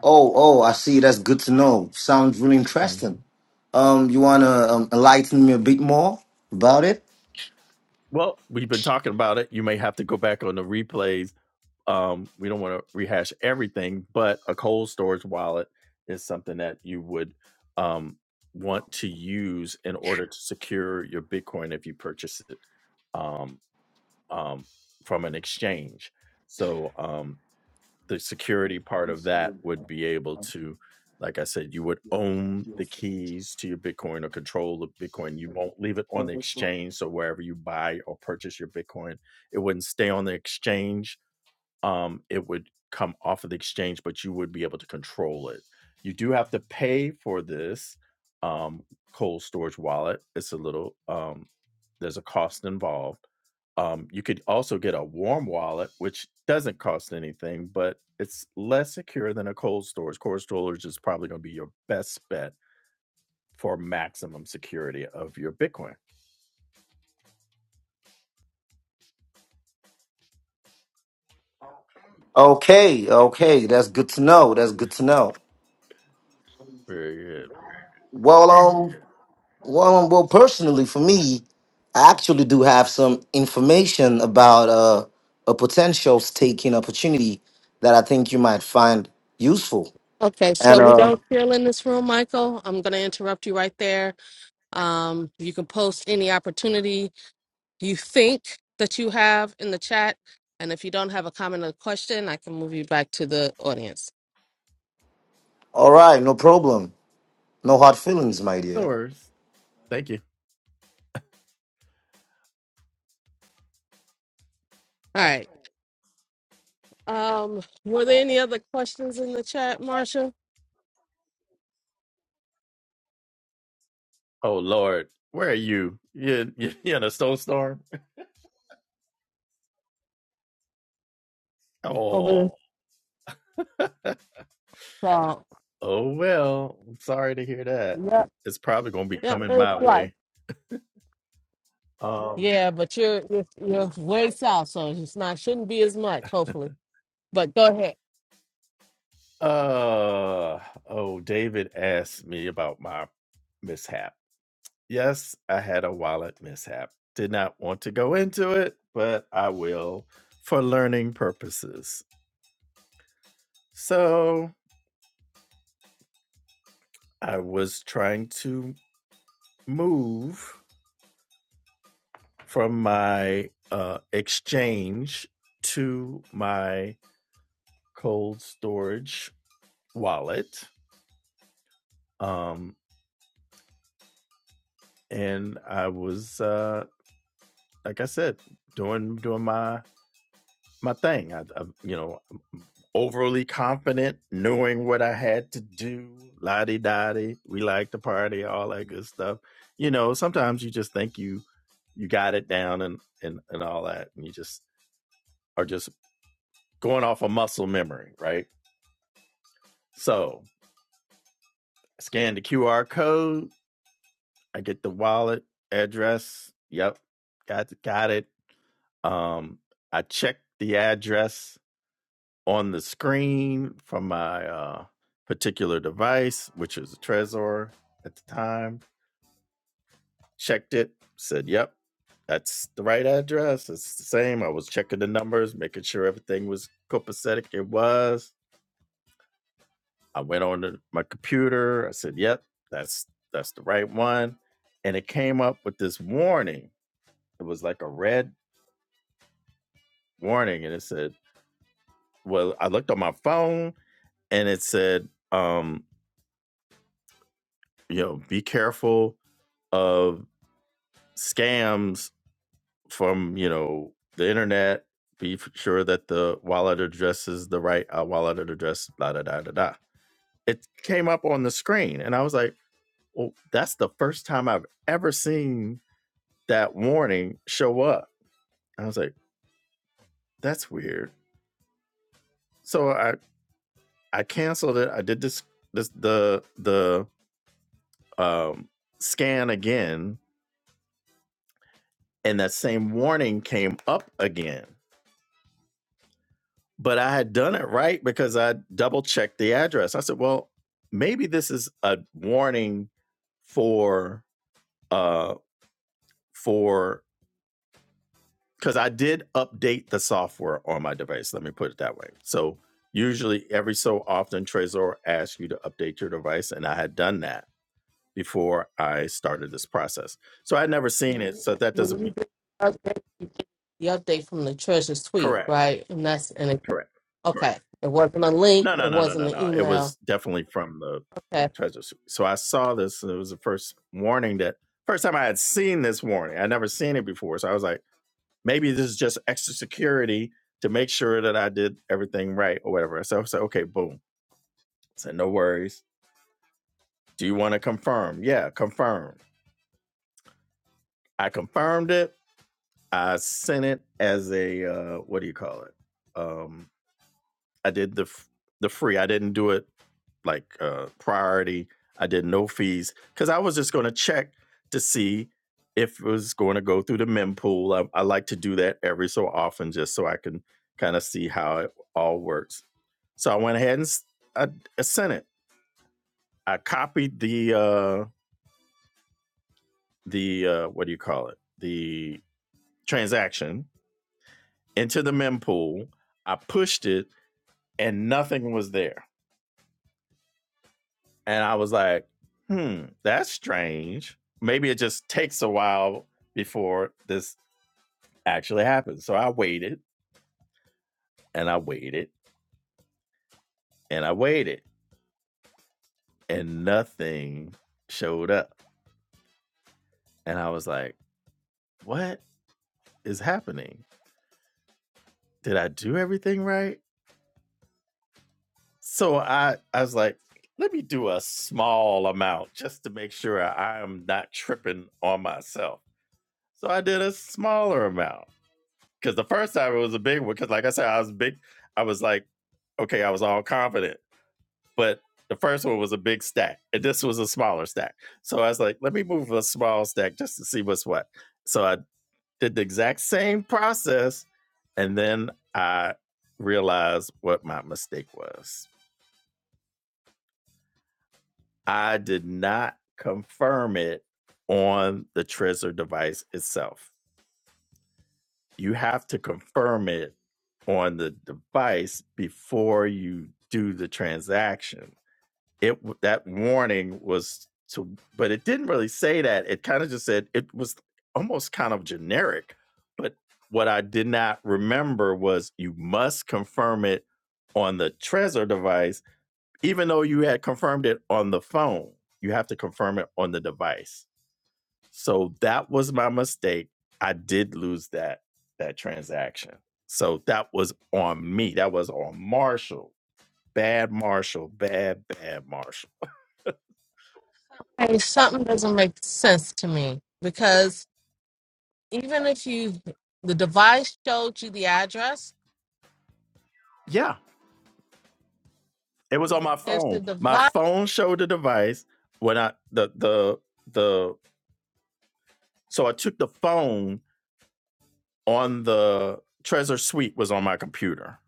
Speaker 4: Oh, oh, I see. That's good to know. Sounds really interesting.
Speaker 1: Mhm.
Speaker 4: Um, you want to um, enlighten me a bit more about it?
Speaker 1: Well, we've been talking about it. You may have to go back on the replays. Um, we don't want to rehash everything, but a cold storage wallet is something that you would um, want to use in order to secure your Bitcoin if you purchase it um, um, from an exchange. So um, the security part of that would be able to like i said you would own the keys to your bitcoin or control the bitcoin you won't leave it on the exchange so wherever you buy or purchase your bitcoin it wouldn't stay on the exchange um, it would come off of the exchange, but you would be able to control it. You do have to pay for this um, cold storage wallet. It's a little, um, there's a cost involved. Um, you could also get a warm wallet, which doesn't cost anything, but it's less secure than a cold storage. Cold storage is probably going to be your best bet for maximum security of your Bitcoin.
Speaker 4: Okay, okay. That's good to know. That's good to know.
Speaker 1: Very good.
Speaker 4: Well, um, Well, um, well, personally, for me, I actually do have some information about uh, a potential staking opportunity that I think you might find useful.
Speaker 3: Okay,
Speaker 4: And
Speaker 3: so we
Speaker 4: uh,
Speaker 3: don't feel in this room, Michael. I'm going to interrupt you right there. Um, you can post any opportunity you think that you have in the chat. And if you don't have a comment or question, I can move you back to the audience.
Speaker 4: all right, no problem. No hard feelings, my dear.
Speaker 1: Stores. Thank you.
Speaker 3: All right. Um, were there any other questions in the chat, Marsha?
Speaker 1: Oh Lord, where are you? You you, you in a snowstorm?
Speaker 3: Over the
Speaker 1: Oh,
Speaker 3: south.
Speaker 1: oh well. I'm sorry to hear that.
Speaker 3: Yep.
Speaker 1: It's probably going to be
Speaker 3: Yep.
Speaker 1: coming
Speaker 3: It's
Speaker 1: my
Speaker 3: fly.
Speaker 1: way. Um.
Speaker 3: Yeah, but you're you're, you're way south, so it's not shouldn't be as much. Hopefully, but go ahead.
Speaker 1: Uh. Oh, David asked me about my mishap. Yes, I had a wallet mishap. Did not want to go into it, but I will for learning purposes. So I was trying to move from my uh, exchange to my cold storage wallet. Um, and I was, uh, like I said, doing doing my my thing. I, I you know, overly confident, knowing what I had to do. La di da di. We like to party, all that good stuff. You know, sometimes you just think you you got it down and and and all that, and you just are just going off a of muscle memory, right? So scan the QR code. I get the wallet address. Yep, got got it. Um, I checked the address on the screen from my uh, particular device, which was a Trezor at the time. Checked it, said, yep, that's the right address. It's the same. I was checking the numbers, making sure everything was copacetic. It was. I went on to my computer. I said, yep, that's that's the right one. And it came up with this warning. It was like a red warning, and it said, well, I looked on my phone and it said, um, you know, be careful of scams from you know the internet. Be f- sure that the wallet address is the right uh, wallet address. Blah da da da da. It came up on the screen, and I was like, "Well, that's the first time I've ever seen that warning show up." I was like, "That's weird." So I I canceled it. I did this this the the um, scan again and that same warning came up again. But I had done it right because I double checked the address. I said, well, maybe this is a warning for uh for because I did update the software on my device. Let me put it that way. So usually every so often Trezor asks you to update your device, and I had done that before I started this process. So I'd never seen it. So that
Speaker 3: When
Speaker 1: doesn't
Speaker 3: you
Speaker 1: mean
Speaker 3: get the update, you get the update from the treasurer's tweet,
Speaker 1: correct,
Speaker 3: right? And that's and it,
Speaker 1: correct, correct.
Speaker 3: okay. It wasn't a link.
Speaker 1: No, no,
Speaker 3: It
Speaker 1: no, no, no,
Speaker 3: wasn't an
Speaker 1: no. It
Speaker 3: email.
Speaker 1: was definitely from the
Speaker 3: Okay.
Speaker 1: treasure suite. So I saw this, and it was the first warning that first time I had seen this warning. I'd never seen it before. So I was like, maybe this is just extra security to make sure that I did everything right or whatever. So I said, okay, boom. I said, no worries. Do you want to confirm? Yeah, confirm. I confirmed it. I sent it as a uh, what do you call it? Um, I did the f- the free. I didn't do it like uh priority. I did no fees because I was just going to check to see if it was going to go through the mempool. I, I like to do that every so often just so I can kind of see how it all works. So I went ahead and s- I, I sent it. I copied the uh the uh what do you call it? The transaction into the mempool. I pushed it and nothing was there. And I was like, hmm, that's strange. Maybe it just takes a while before this actually happens. So I waited and I waited and I waited and nothing showed up. And I was like, what is happening? Did I do everything right? So I, I was like, let me do a small amount just to make sure I'm not tripping on myself. So I did a smaller amount Because the first time it was a big one. Because like I said, I was big. I was like, okay, I was all confident, but the first one was a big stack, and this was a smaller stack. So I was like, let me move a small stack just to see what's what. So I did the exact same process, and then I realized what my mistake was. I did not confirm it on the Trezor device itself. you have to confirm it on the device before you do the transaction. It w- that warning was to, but it didn't really say that. It kind of just said it was almost kind of generic. But what I did not remember was you must confirm it on the Trezor device, even though you had confirmed it on the phone. You have to confirm it on the device. So that was my mistake. I did lose that that transaction. So that was on me. That was on Marshall. Bad Marshall. Bad bad Marshall.
Speaker 3: Hey, something doesn't make sense to me because even if you the device showed you the address,
Speaker 1: Yeah, it was on my
Speaker 3: if the
Speaker 1: phone. My
Speaker 3: device
Speaker 1: phone showed the device when I the the the so I took the phone on the Treasure Suite was on my computer.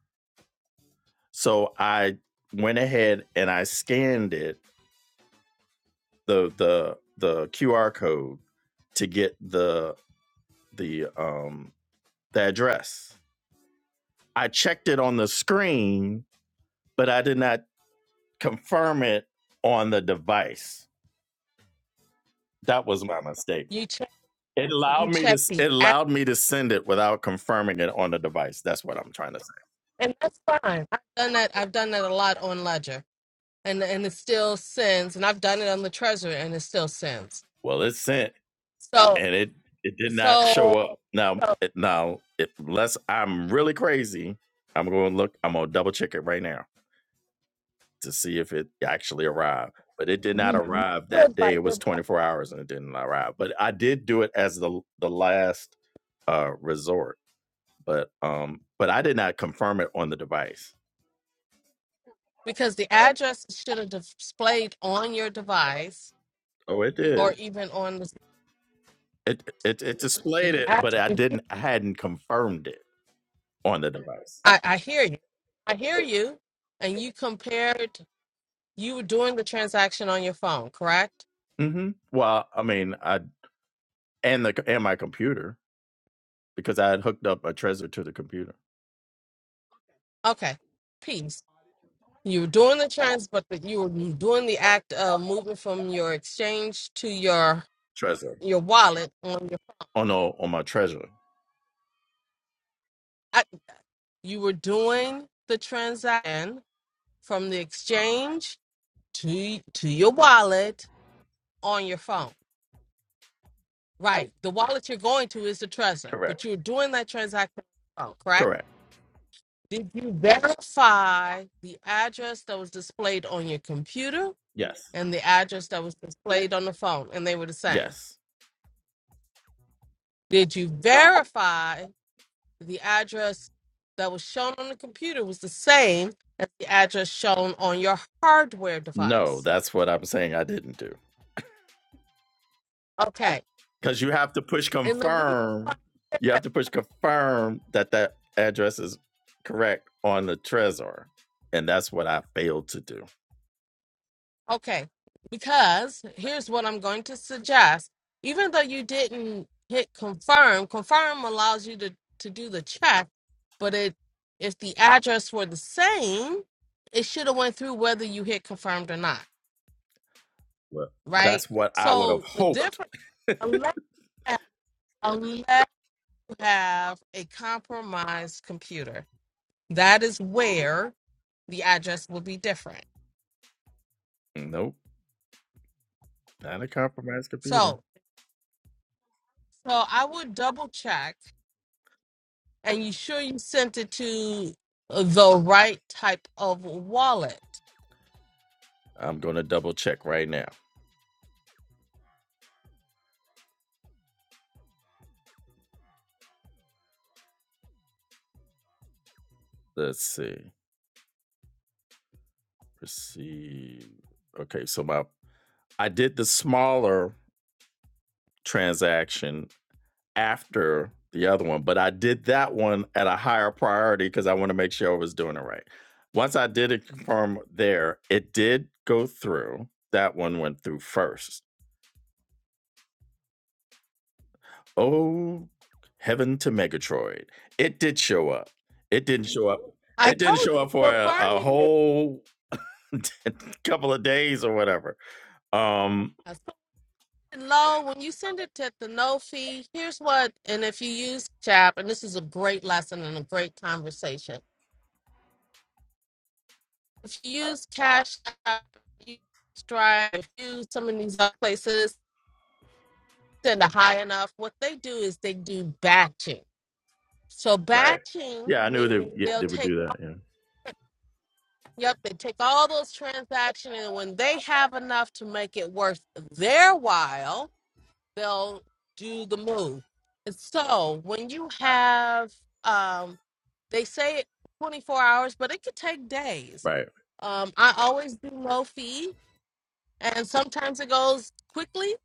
Speaker 1: So I went ahead and I scanned it the the the QR code to get the the um the address. I checked it on the screen, but I did not confirm it on the device. That was my mistake.
Speaker 3: you check
Speaker 1: It
Speaker 3: you
Speaker 1: allowed me to
Speaker 3: check the
Speaker 1: it
Speaker 3: app
Speaker 1: allowed me to send it without confirming it on the device. That's what I'm trying to say.
Speaker 3: and that's fine. I've done that I've done that a lot on Ledger and and it still sends and I've done it on the Treasury and it still sends.
Speaker 1: Well, it's sent
Speaker 3: So
Speaker 1: and it it did not
Speaker 3: so,
Speaker 1: show up. Now
Speaker 3: so
Speaker 1: it- now it, unless I'm really crazy, I'm going to look. I'm going to double check it right now. to see if it actually arrived. But it did not
Speaker 3: you
Speaker 1: arrive that
Speaker 3: should
Speaker 1: day.
Speaker 3: like
Speaker 1: It was
Speaker 3: the-
Speaker 1: 24 hours and it didn't arrive. But I did do it as the the last uh resort. But um but I did not confirm it on the device.
Speaker 3: because the address should have displayed on your device
Speaker 1: Oh, it did.
Speaker 3: or even on
Speaker 1: It it it displayed
Speaker 3: the
Speaker 1: it, but I
Speaker 3: address.
Speaker 1: didn't I hadn't confirmed it on the device.
Speaker 3: I, I hear you. I hear you. And you compared, you were doing the transaction on your phone, correct?
Speaker 1: hmm Well, I mean, I and the and my computer because I had hooked up a Trezor to the computer.
Speaker 3: Okay. Peace. You were doing the trans, but the, you were doing the act of moving from your exchange to your
Speaker 1: Trezor.
Speaker 3: your wallet on your.
Speaker 1: Oh no, on my Trezor.
Speaker 3: I, you were doing the transaction from the exchange to to your wallet on your phone, right? The wallet you're going to is the Trezor,
Speaker 1: Correct.
Speaker 3: but you're doing that transaction on your phone, correct?
Speaker 1: Correct.
Speaker 3: Did you verify the address that was displayed on your computer
Speaker 1: Yes.
Speaker 3: and the address that was displayed on the phone? And they were the same.
Speaker 1: Yes.
Speaker 3: Did you verify the address that was shown on the computer was the same as the address shown on your hardware
Speaker 1: No,
Speaker 3: device?
Speaker 1: that's what I'm saying I didn't do.
Speaker 3: Okay.
Speaker 1: Because you have to push
Speaker 3: And the reason
Speaker 1: confirm. You have to push confirm that that address is correct on the Trezor. And that's what I failed to do.
Speaker 3: Okay, because here's what I'm going to suggest. Even though you didn't hit confirm, confirm allows you to, to do the check, but it if the address were the same, it should have went through whether you hit confirmed or not,
Speaker 1: Well,
Speaker 3: right?
Speaker 1: that's what I would have
Speaker 3: So the
Speaker 1: hoped.
Speaker 3: difference unless, unless you have a compromised computer, that is where the address will be different.
Speaker 1: Nope, not a compromised computer.
Speaker 3: So so I would double check and you sure you sent it to the right type of wallet?
Speaker 1: I'm going to double check right now. Let's see. Proceed. Okay, so my I did the smaller transaction after the other one, but I did that one at a higher priority because I want to make sure I was doing it right. Once I did it confirm there, it did go through. That one went through first. Oh, heaven to Megatroid. It did show up. It didn't show up.
Speaker 3: I
Speaker 1: It didn't
Speaker 3: told
Speaker 1: show
Speaker 3: you,
Speaker 1: up for a, a
Speaker 3: confirming it.
Speaker 1: whole couple of days or whatever. Um,
Speaker 3: I said, Low, when you send it to the no fee, here's what, and if you use CHAP, and this is a great lesson and a great conversation. If you use Cash App, you use Stripe, if you use some of these other places, send it high enough. What they do is they do batching. So
Speaker 1: right.
Speaker 3: batching
Speaker 1: Yeah, I knew they,
Speaker 3: means
Speaker 1: yeah,
Speaker 3: they'll
Speaker 1: they would
Speaker 3: take
Speaker 1: do that. Yeah.
Speaker 3: Yep, they take all those transactions, and when they have enough to make it worth their while, they'll do the move. And so when you have, um, they say 24 hours, but it could take days.
Speaker 1: Right.
Speaker 3: Um, I always do low fee, and sometimes it goes quickly.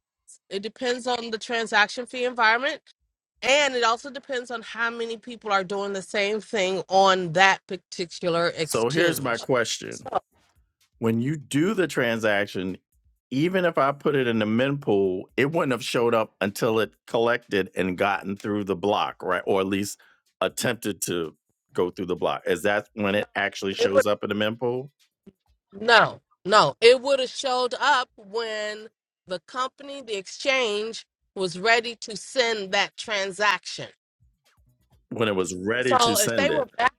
Speaker 3: It depends on the transaction fee environment. And it also depends on how many people are doing the same thing on that particular
Speaker 1: So here's my
Speaker 3: exchange.
Speaker 1: question
Speaker 3: So
Speaker 1: When you do the transaction, even if I put it in the mempool, it wouldn't have showed up until it collected and gotten through the block, right? Or at least attempted to go through the block. Is that when it actually shows up in the mempool?
Speaker 3: No, no. It would have showed up when the company, the exchange, was ready to send that transaction.
Speaker 1: When it was ready to
Speaker 3: So if they
Speaker 1: send
Speaker 3: were
Speaker 1: it.
Speaker 3: back,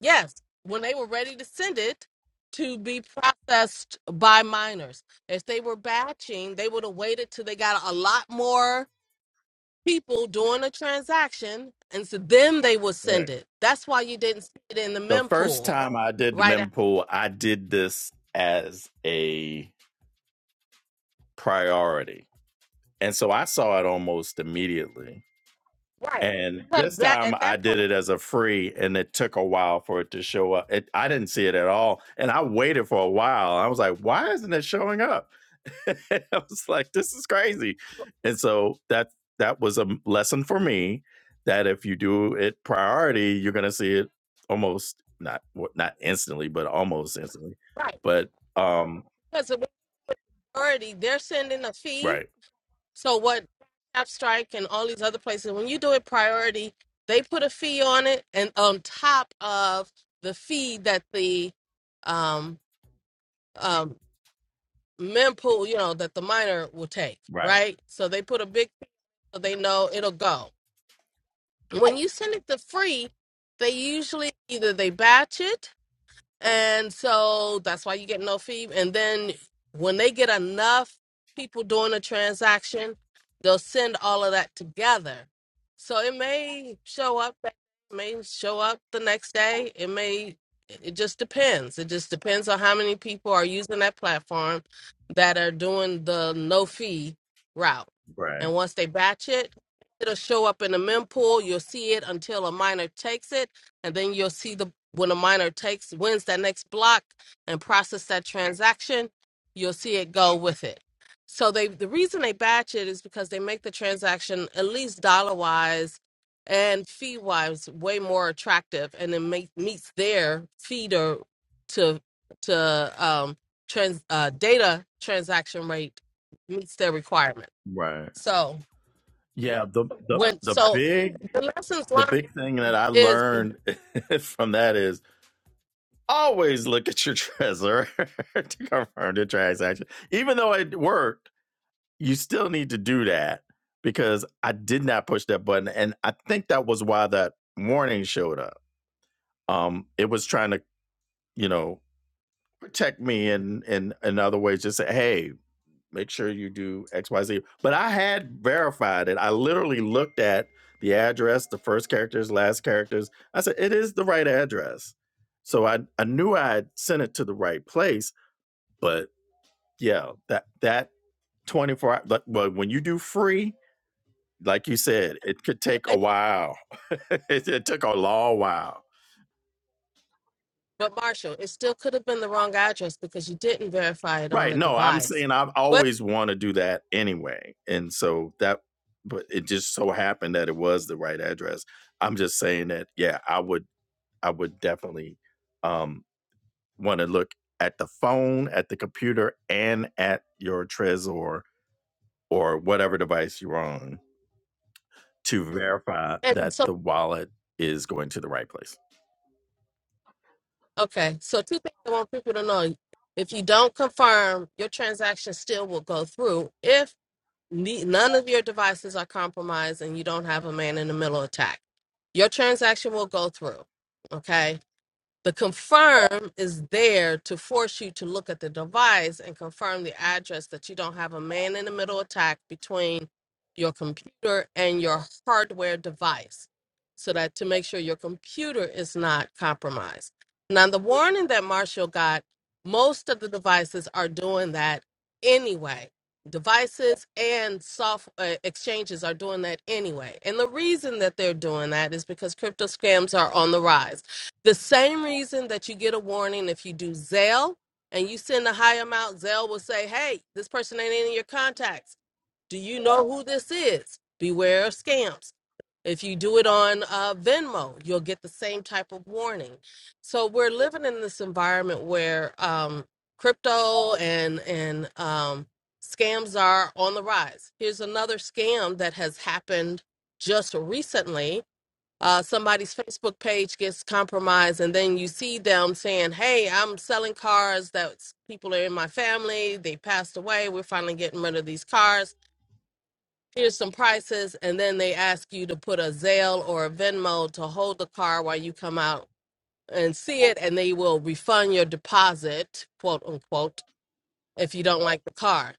Speaker 3: yes, when they were ready to send it to be processed by miners. If they were batching, they would have waited till they got a lot more people doing a transaction and so then they would
Speaker 1: Right.
Speaker 3: send it. That's why you didn't see it in the
Speaker 1: The first
Speaker 3: mempool
Speaker 1: time I did the
Speaker 3: right after.
Speaker 1: mempool, I did this as a priority. And so I saw it almost immediately
Speaker 3: Right.
Speaker 1: And
Speaker 3: Because
Speaker 1: this
Speaker 3: that
Speaker 1: time
Speaker 3: at
Speaker 1: I
Speaker 3: that
Speaker 1: did
Speaker 3: point,
Speaker 1: it as a free, and it took a while for it to show up. It, I didn't see it at all. And I waited for a while. I was like, why isn't it showing up? I was like, this is crazy. And so that that was a m- lesson for me that if you do it priority, you're gonna see it almost not w- not instantly, but almost instantly.
Speaker 3: right
Speaker 1: But um,
Speaker 3: priority. They're sending a fee.
Speaker 1: right,
Speaker 3: So what Tap Strike and all these other places, when you do it priority, they put a fee on it and on top of the fee that the um um mempool, you know, that the miner will take,
Speaker 1: right,
Speaker 3: right? So they put a big fee so they know it'll go. When you send it to free, they usually either they batch it And so that's why you get no fee. And then when they get enough people doing a transaction, they'll send all of that together. So it may show up, that- it may show up the next day. It may, it just depends. It just depends on how many people are using that platform that are doing the no fee route.
Speaker 1: right,
Speaker 3: And once they batch it, it'll show up in the mempool. You'll see it until a miner takes it and then you'll see the when a miner takes wins that next block and process that transaction you'll see it go with it so they the reason they batch it is because they make the transaction at least dollar wise and fee wise way more attractive and it make, meets their feeder to to um trans uh data transaction rate meets their requirement
Speaker 1: right.
Speaker 3: so
Speaker 1: Yeah, the the
Speaker 3: when
Speaker 1: the
Speaker 3: so
Speaker 1: big
Speaker 3: the lessons
Speaker 1: The
Speaker 3: learned
Speaker 1: big thing that I
Speaker 3: is
Speaker 1: learned from that is always look at your treasurer to confirm the transaction. Even though it worked, you still need to do that because I did not push that button. And I think that was why that warning showed up. Um, it was trying to, you know, protect me and in, in, in other ways, just say, hey, make sure you do XYZ. But I had verified it. I literally looked at the address, the first characters, last characters. I said, it is the right address. So I, I knew I had sent it to the right place. But yeah, that that 24 hour, but but when you do free, like you said, it could take a while. it, it took a long while.
Speaker 3: But Marshall, it still could have been the wrong address because you didn't verify it on
Speaker 1: Right.
Speaker 3: the
Speaker 1: No, I'm
Speaker 3: device.
Speaker 1: saying I've
Speaker 3: What?
Speaker 1: always want to do that anyway. And so that, but it just so happened that it was the right address. I'm just saying that, yeah, I would, I would definitely um, want to look at the phone, at the computer, and at your Trezor or whatever device you're on to verify
Speaker 3: And
Speaker 1: that
Speaker 3: so,
Speaker 1: the wallet is going to the right place.
Speaker 3: okay, so two things I want people to know: if you don't confirm, your transaction still will go through if ne- none of your devices are compromised and you don't have a man in the middle attack. Your transaction will go through. Okay. The confirm is there to force you to look at the device and confirm the address that you don't have a man in the middle attack between your computer and your hardware device so that to make sure your computer is not compromised. Now, the warning that Marshall got, most of the devices are doing that anyway. Devices and software exchanges are doing that anyway. And the reason that they're doing that is because crypto scams are on the rise the same reason that you get a warning if you do Zelle and you send a high amount, Zelle will say, hey, this person ain't in your contacts. Do you know who this is? Beware of scams. If you do it on uh, Venmo, you'll get the same type of warning. So we're living in this environment where um, crypto and and um, scams are on the rise. Here's another scam that has happened just recently uh, somebody's Facebook page gets compromised, and then you see them saying, "Hey, I'm selling cars that people are in my family. They passed away. We're finally getting rid of these cars. Here's some prices." And then they ask you to put a Zelle or a Venmo to hold the car while you come out and see it, and they will refund your deposit, quote unquote, if you don't like the car.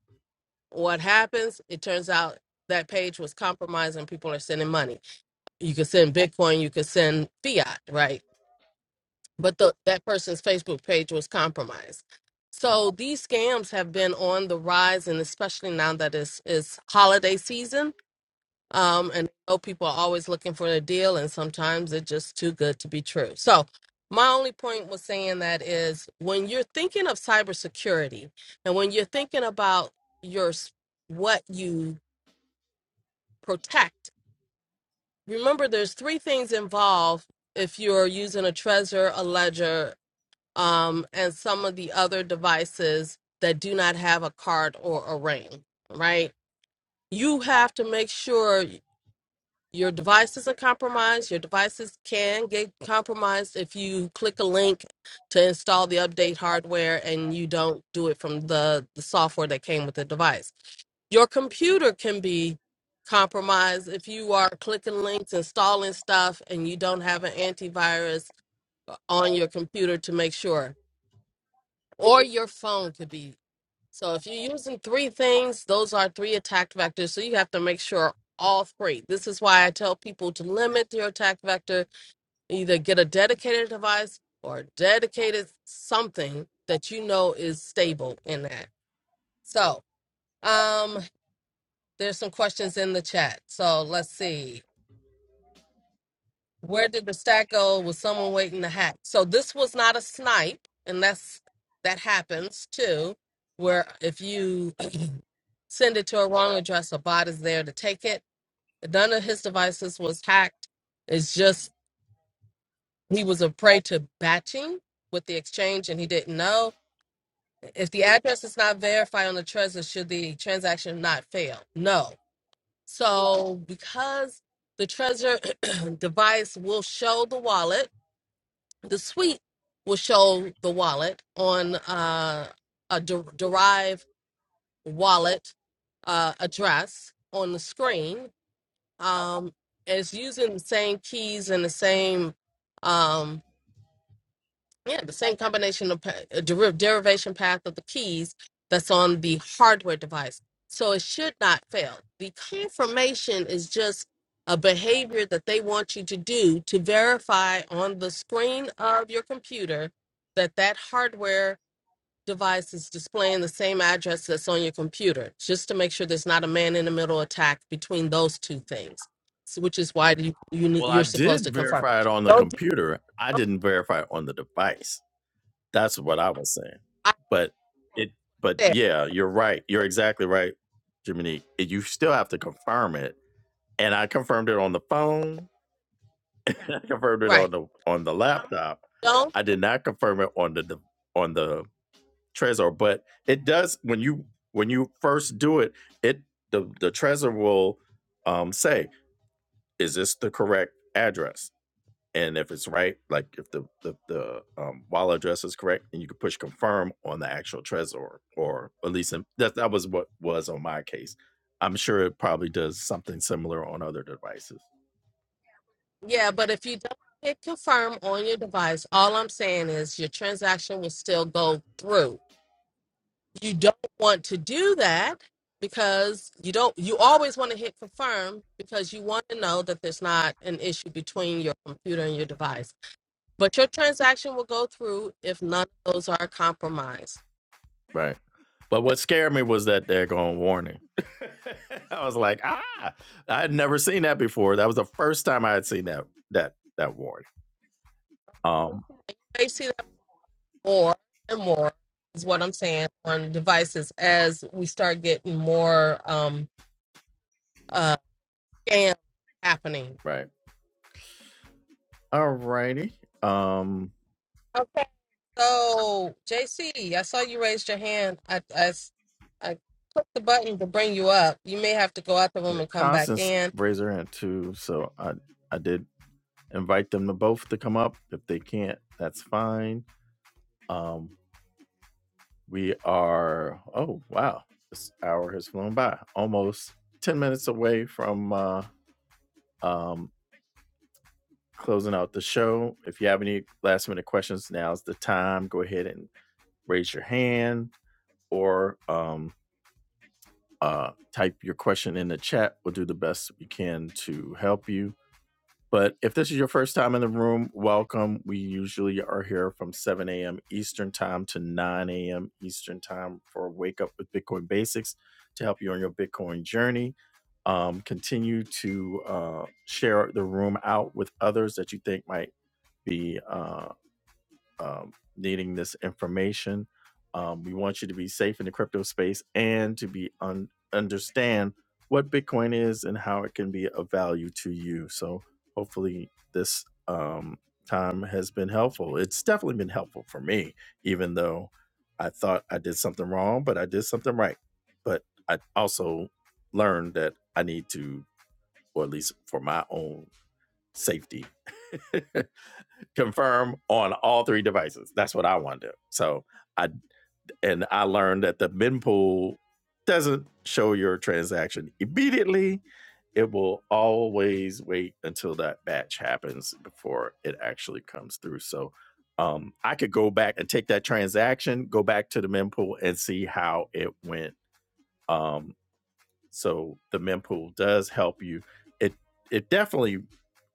Speaker 3: What happens? It turns out that page was compromised, and people are sending money. You could send Bitcoin, you could send fiat, right? but the, that person's Facebook page was compromised. So these scams have been on the rise, and especially now that it's, it's holiday season, um, and I know people are always looking for a deal, and sometimes it's just too good to be true. So my only point was saying that is when you're thinking of cybersecurity, and when you're thinking about your s- what you protect, remember there's three things involved if you're using a Trezor, a Ledger, um, and some of the other devices that do not have a card or a ring, right? You have to make sure your device isn't compromised. Your devices can get compromised if you click a link to install the update hardware and you don't do it from the, the software that came with the device. Your computer can be compromised if you are clicking links, installing stuff, and you don't have an antivirus uh, on your computer to make sure or your phone could be. So if you're using three things, those are three attack vectors. So you have to make sure all three. This is why I tell people to limit your attack vector. Either get a dedicated device or a dedicated something that you know is stable in that. So um, there's some questions in the chat. So let's see. Where did the stack go? Was someone waiting to hack? So this was not a snipe, and that's that happens too, where if you send it to a wrong address, a bot is there to take it. None of his devices was hacked. It's just he was a prey to batching with the exchange, and he didn't know. If the address is not verified on the Trezor, should the transaction not fail? No. So because the Trezor device will show the wallet the suite will show the wallet on uh, a de- derived wallet uh, address on the screen. Um, it's using the same keys and the same. um, yeah, the same combination of pa- uh, deriv- derivation path of the keys that's on the hardware device. So it should not fail. The confirmation is just a behavior that they want you to do to verify on the screen of your computer that that hardware device is displaying the same address that's on your computer, just to make sure there's not a man in the middle attack between those two things, so, which is why you, you, ne-
Speaker 1: Well, I
Speaker 3: you're supposed
Speaker 1: did
Speaker 3: to confirm.
Speaker 1: verify it on the
Speaker 3: Don't do
Speaker 1: computer. I didn't verify it on the device. That's what I was saying.
Speaker 3: what
Speaker 1: But it but
Speaker 3: I said,
Speaker 1: yeah, you're right. You're exactly right, Jiminy. You still have to confirm it. And I confirmed it on the phone. I confirmed it on
Speaker 3: right.
Speaker 1: the on the laptop.
Speaker 3: Don't
Speaker 1: I did not confirm it on the de- on the Trezor, but it does when you when you first do it, it the the Trezor will um, say, "Is this the correct address?" and if it's right, like if the the, the um, wallet address is correct, then you can push confirm on the actual Trezor, or at least in, that that was what was on my case. I'm sure it probably does something similar on other devices,
Speaker 3: Yeah, but if you don't hit confirm on your device, all I'm saying is your transaction will still go through. You don't want to do that because you don't you always want to hit confirm because you want to know that there's not an issue between your computer and your device. But your transaction will go through if none of those are compromised.
Speaker 1: right? But what scared me was that daggone warning. I was like, ah, I had never seen that before. That was the first time I had seen that that that warning. Um,
Speaker 3: They see that more and more is what I'm saying on devices as we start getting more um uh scams happening.
Speaker 1: right. All righty. Um,
Speaker 3: Okay? So, JC, I saw you raised your hand. I, I s- I clicked the button to bring you up. You may have to go out the
Speaker 1: yeah,
Speaker 3: room and come back
Speaker 1: Constance
Speaker 3: in.
Speaker 1: raised her hand too, so I I did invite them to both to come up. If they can't, that's fine. Um, we are, oh, wow, this hour has flown by almost 10 minutes away from uh, um, closing out the show. If you have any last minute questions, now's the time. Go ahead and raise your hand or um, uh, type your question in the chat. We'll do the best we can to help you. But if this is your first time in the room, welcome. We usually are here from 7 a.m. Eastern Time to 9 a.m. Eastern Time for Wake Up with Bitcoin Basics to help you on your Bitcoin journey. Um, continue to uh, share the room out with others that you think might be. uh, um, needing this information. Um, we want you to be safe in the crypto space and to be un- understand what Bitcoin is and how it can be of value to you. So hopefully this um, time has been helpful. It's definitely been helpful for me, even though I thought I did something wrong, but I did something right. But I also learned that I need to, or at least for my own safety, confirm on all three devices. That's what I want to do. So I and I learned that the bin pool doesn't show your transaction immediately. It will always wait until that batch happens before it actually comes through. So um, I could go back and take that transaction, go back to the mempool and see how it went. Um, so the mempool does help you. It it definitely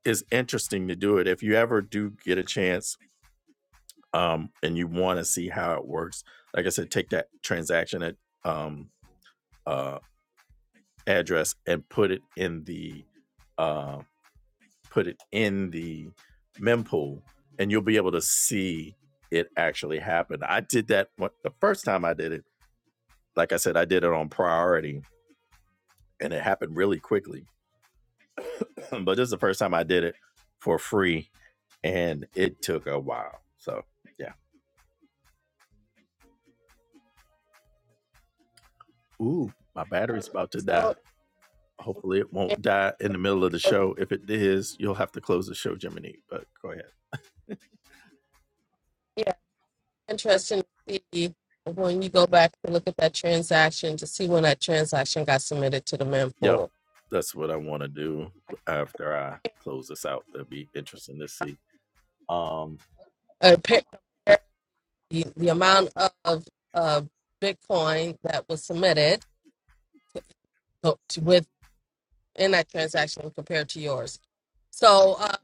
Speaker 1: is interesting to do it. If you ever do get a chance um, and you want to see how it works, like I said, take that transaction at um, uh, address and put it in the uh, put it in the mempool, and you'll be able to see it actually happen. I did that one, the first time I did it. Like I said, I did it on priority, and it happened really quickly. but this is the first time I did it for free, and it took a while. So yeah, ooh, my battery's about to die.
Speaker 3: So,
Speaker 1: Hopefully, it
Speaker 3: eh,
Speaker 1: won't die in the middle of the show. If it is, you'll have to close the show, Jiminy. But go ahead.
Speaker 3: yeah, interesting to see when you go back to look at that transaction to see when that transaction got submitted to the
Speaker 1: Yep,
Speaker 3: mempool.
Speaker 1: that's what I want to do after I close this out. That'd be interesting to see. Um,
Speaker 3: Uh, pa- compare the, the amount of uh, Bitcoin that was submitted to, to, with in that transaction compared to yours. So, uh,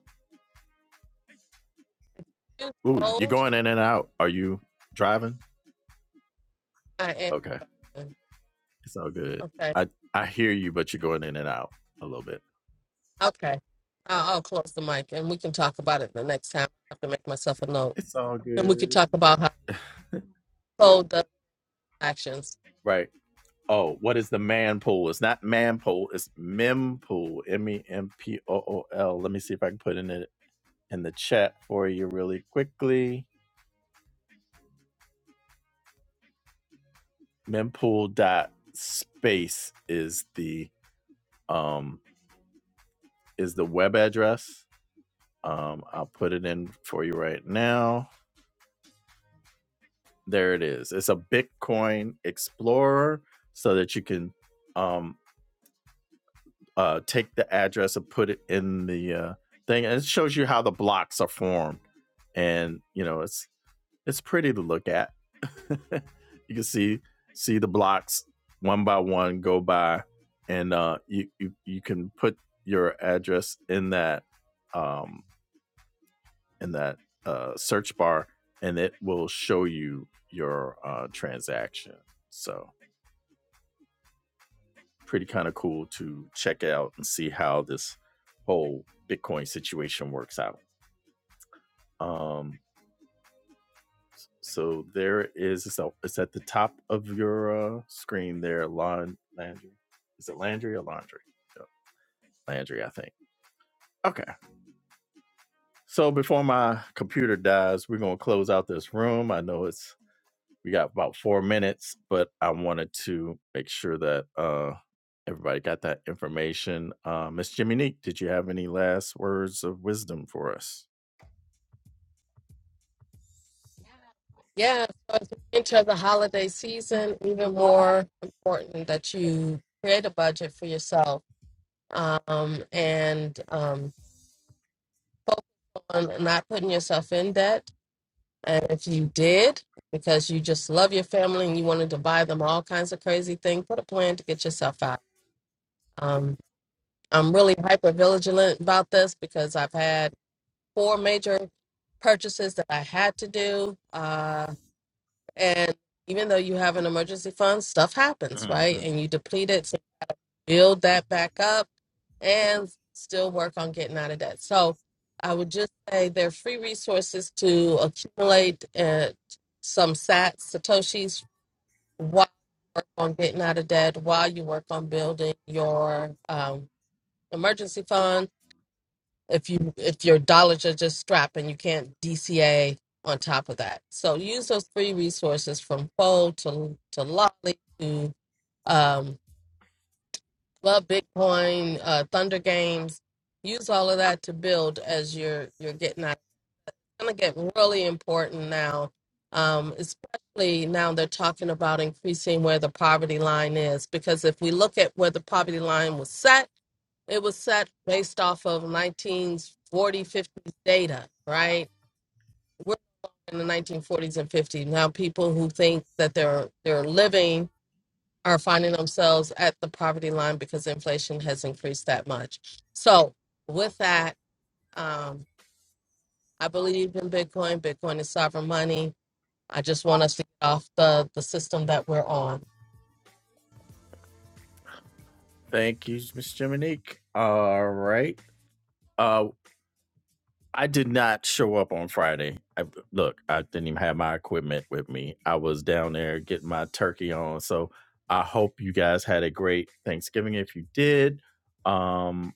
Speaker 3: you
Speaker 1: ooh, you're
Speaker 3: sold.
Speaker 1: going in and out. Are you driving?
Speaker 3: I
Speaker 1: Okay,
Speaker 3: am.
Speaker 1: it's all good.
Speaker 3: okay.
Speaker 1: I I hear you, but you're going in and out a little bit.
Speaker 3: Okay. I'll, I'll close the mic and we can talk about it the next time. I have to make myself a note.
Speaker 1: It's all
Speaker 3: And we could
Speaker 1: good.
Speaker 3: talk about how cold does actions.
Speaker 1: Right. Oh, what is the man pool? It's not man pool. It's mempool. M e m p o o l. Let me see if I can put in it in the chat for you really quickly. Mempool dot space is the um is the web address. Um, I'll put it in for you right now. There it is. It's a Bitcoin explorer so that you can um. uh, take the address and put it in the uh, thing, and it shows you how the blocks are formed. And you know, it's it's pretty to look at. you can see see the blocks one by one go by, and uh, you, you you can put your address in that um, in that uh, search bar, and it will show you your uh, transaction. So pretty kind of cool to check out and see how this whole Bitcoin situation works out. Um, so there is so it's at the top of your uh, screen there, Lon Landry. Is it Landry or Laundry? Yeah, Landry, I think. Okay. So before my computer dies, we're gonna close out this room. I know it's we got about four minutes, but I wanted to make sure that uh, everybody got that information. Uh, Miss Jiminique, did you have any last words of wisdom for us?
Speaker 3: Yeah, so as we enter the holiday season, even more important that you create a budget for yourself um, and um, focus on not putting yourself in debt. And if you did, because you just love your family and you wanted to buy them all kinds of crazy things, put a plan to get yourself out. Um, I'm really hyper vigilant about this because I've had four major purchases that I had to do. Uh, and even though you have an emergency fund, stuff happens,
Speaker 1: hmm
Speaker 3: right? And you deplete it, so build that back up and still work on getting out of debt. So I would just say there are free resources to accumulate uh, some sats, satoshis, while you work on getting out of debt, while you work on building your um, emergency fund if you if your dollars are just strapped and you can't DCA on top of that. So use those free resources from Fold to to Lolly to um, Love Bitcoin, uh, Thunder Games. Use all of that to build as you're you're getting out. It's gonna get really important now, um, especially now they're talking about increasing where the poverty line is because if we look at where the poverty line was set it was set based off of 1940s, 50s data, right? We're in the 1940s and 50s. Now people who think that they're they're living are finding themselves at the poverty line because inflation has increased that much. So with that, um, I believe in Bitcoin. Bitcoin is sovereign money. I just want us to get off the, the system that we're on.
Speaker 1: Thank you, Miss Jiminique. All right. Uh, I did not show up on Friday. I, look, I didn't even have my equipment with me. I was down there getting my turkey on. So I hope you guys had a great Thanksgiving. If you did, um,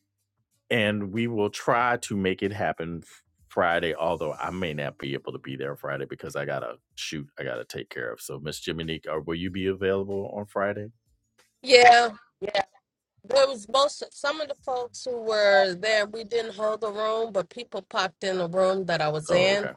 Speaker 1: and we will try to make it happen Friday. Although I may not be able to be there Friday because I gotta shoot, I gotta take care of. So Miss Jiminique, or will you be available on Friday?
Speaker 3: Yeah. Yeah, There was most some of the folks who were there. We didn't hold the room, but people popped in the room that I was
Speaker 1: Oh,
Speaker 3: in.
Speaker 1: okay,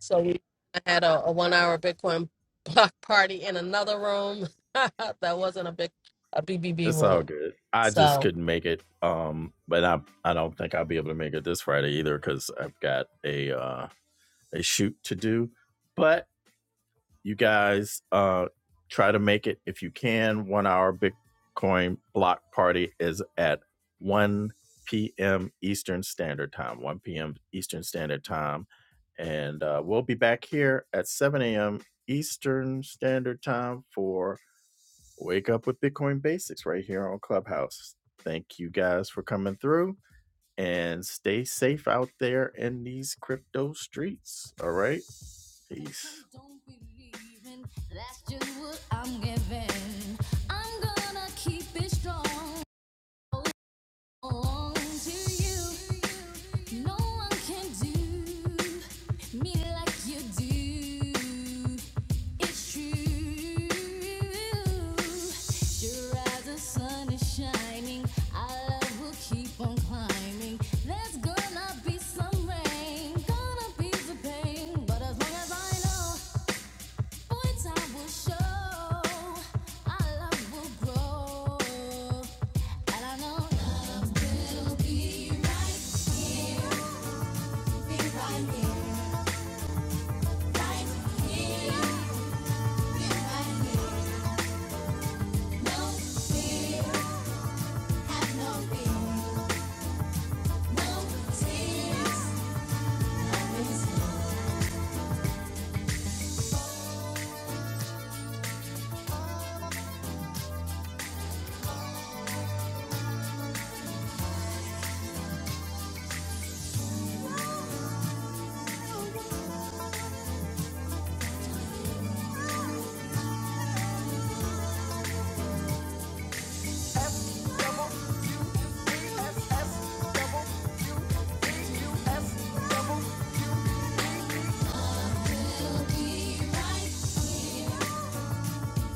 Speaker 3: So we had a, a one hour Bitcoin block party in another room that wasn't a big a BBB
Speaker 1: it's all
Speaker 3: room.
Speaker 1: good. I just
Speaker 3: So
Speaker 1: couldn't make it, um, but I I don't think I'll be able to make it this Friday either because I've got a uh, a shoot to do. But you guys uh, try to make it if you can. One hour Bitcoin block party is at 1 p.m. Eastern Standard Time. 1 p.m. Eastern Standard Time. And uh, we'll be back here at 7 a.m. Eastern Standard Time for Wake Up with Bitcoin Basics right here on Clubhouse. Thank you guys for coming through and stay safe out there in these crypto streets. All right. Peace. Don't believe in, that's just what I'm giving. I'm gonna keep it strong. Oh, to you. No one can do me like you do. It's true. Sure as the sun is shining, our love will keep on climbing. There's gonna be some rain, gonna be some pain, but as long as I know. F F F double. Be right here.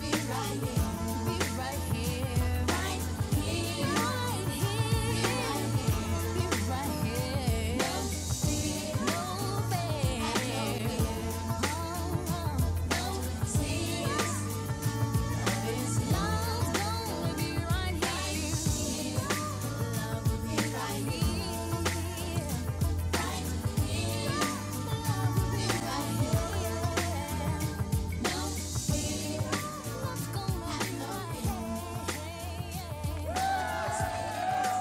Speaker 1: Be right here. Be right here. Right here. Right here. Be right here. Be right here. No fear. No fear. Oh, oh, no tears. This love's gonna be right here. Love will be right here. Right here. Love will be right here. Now we are what's going on.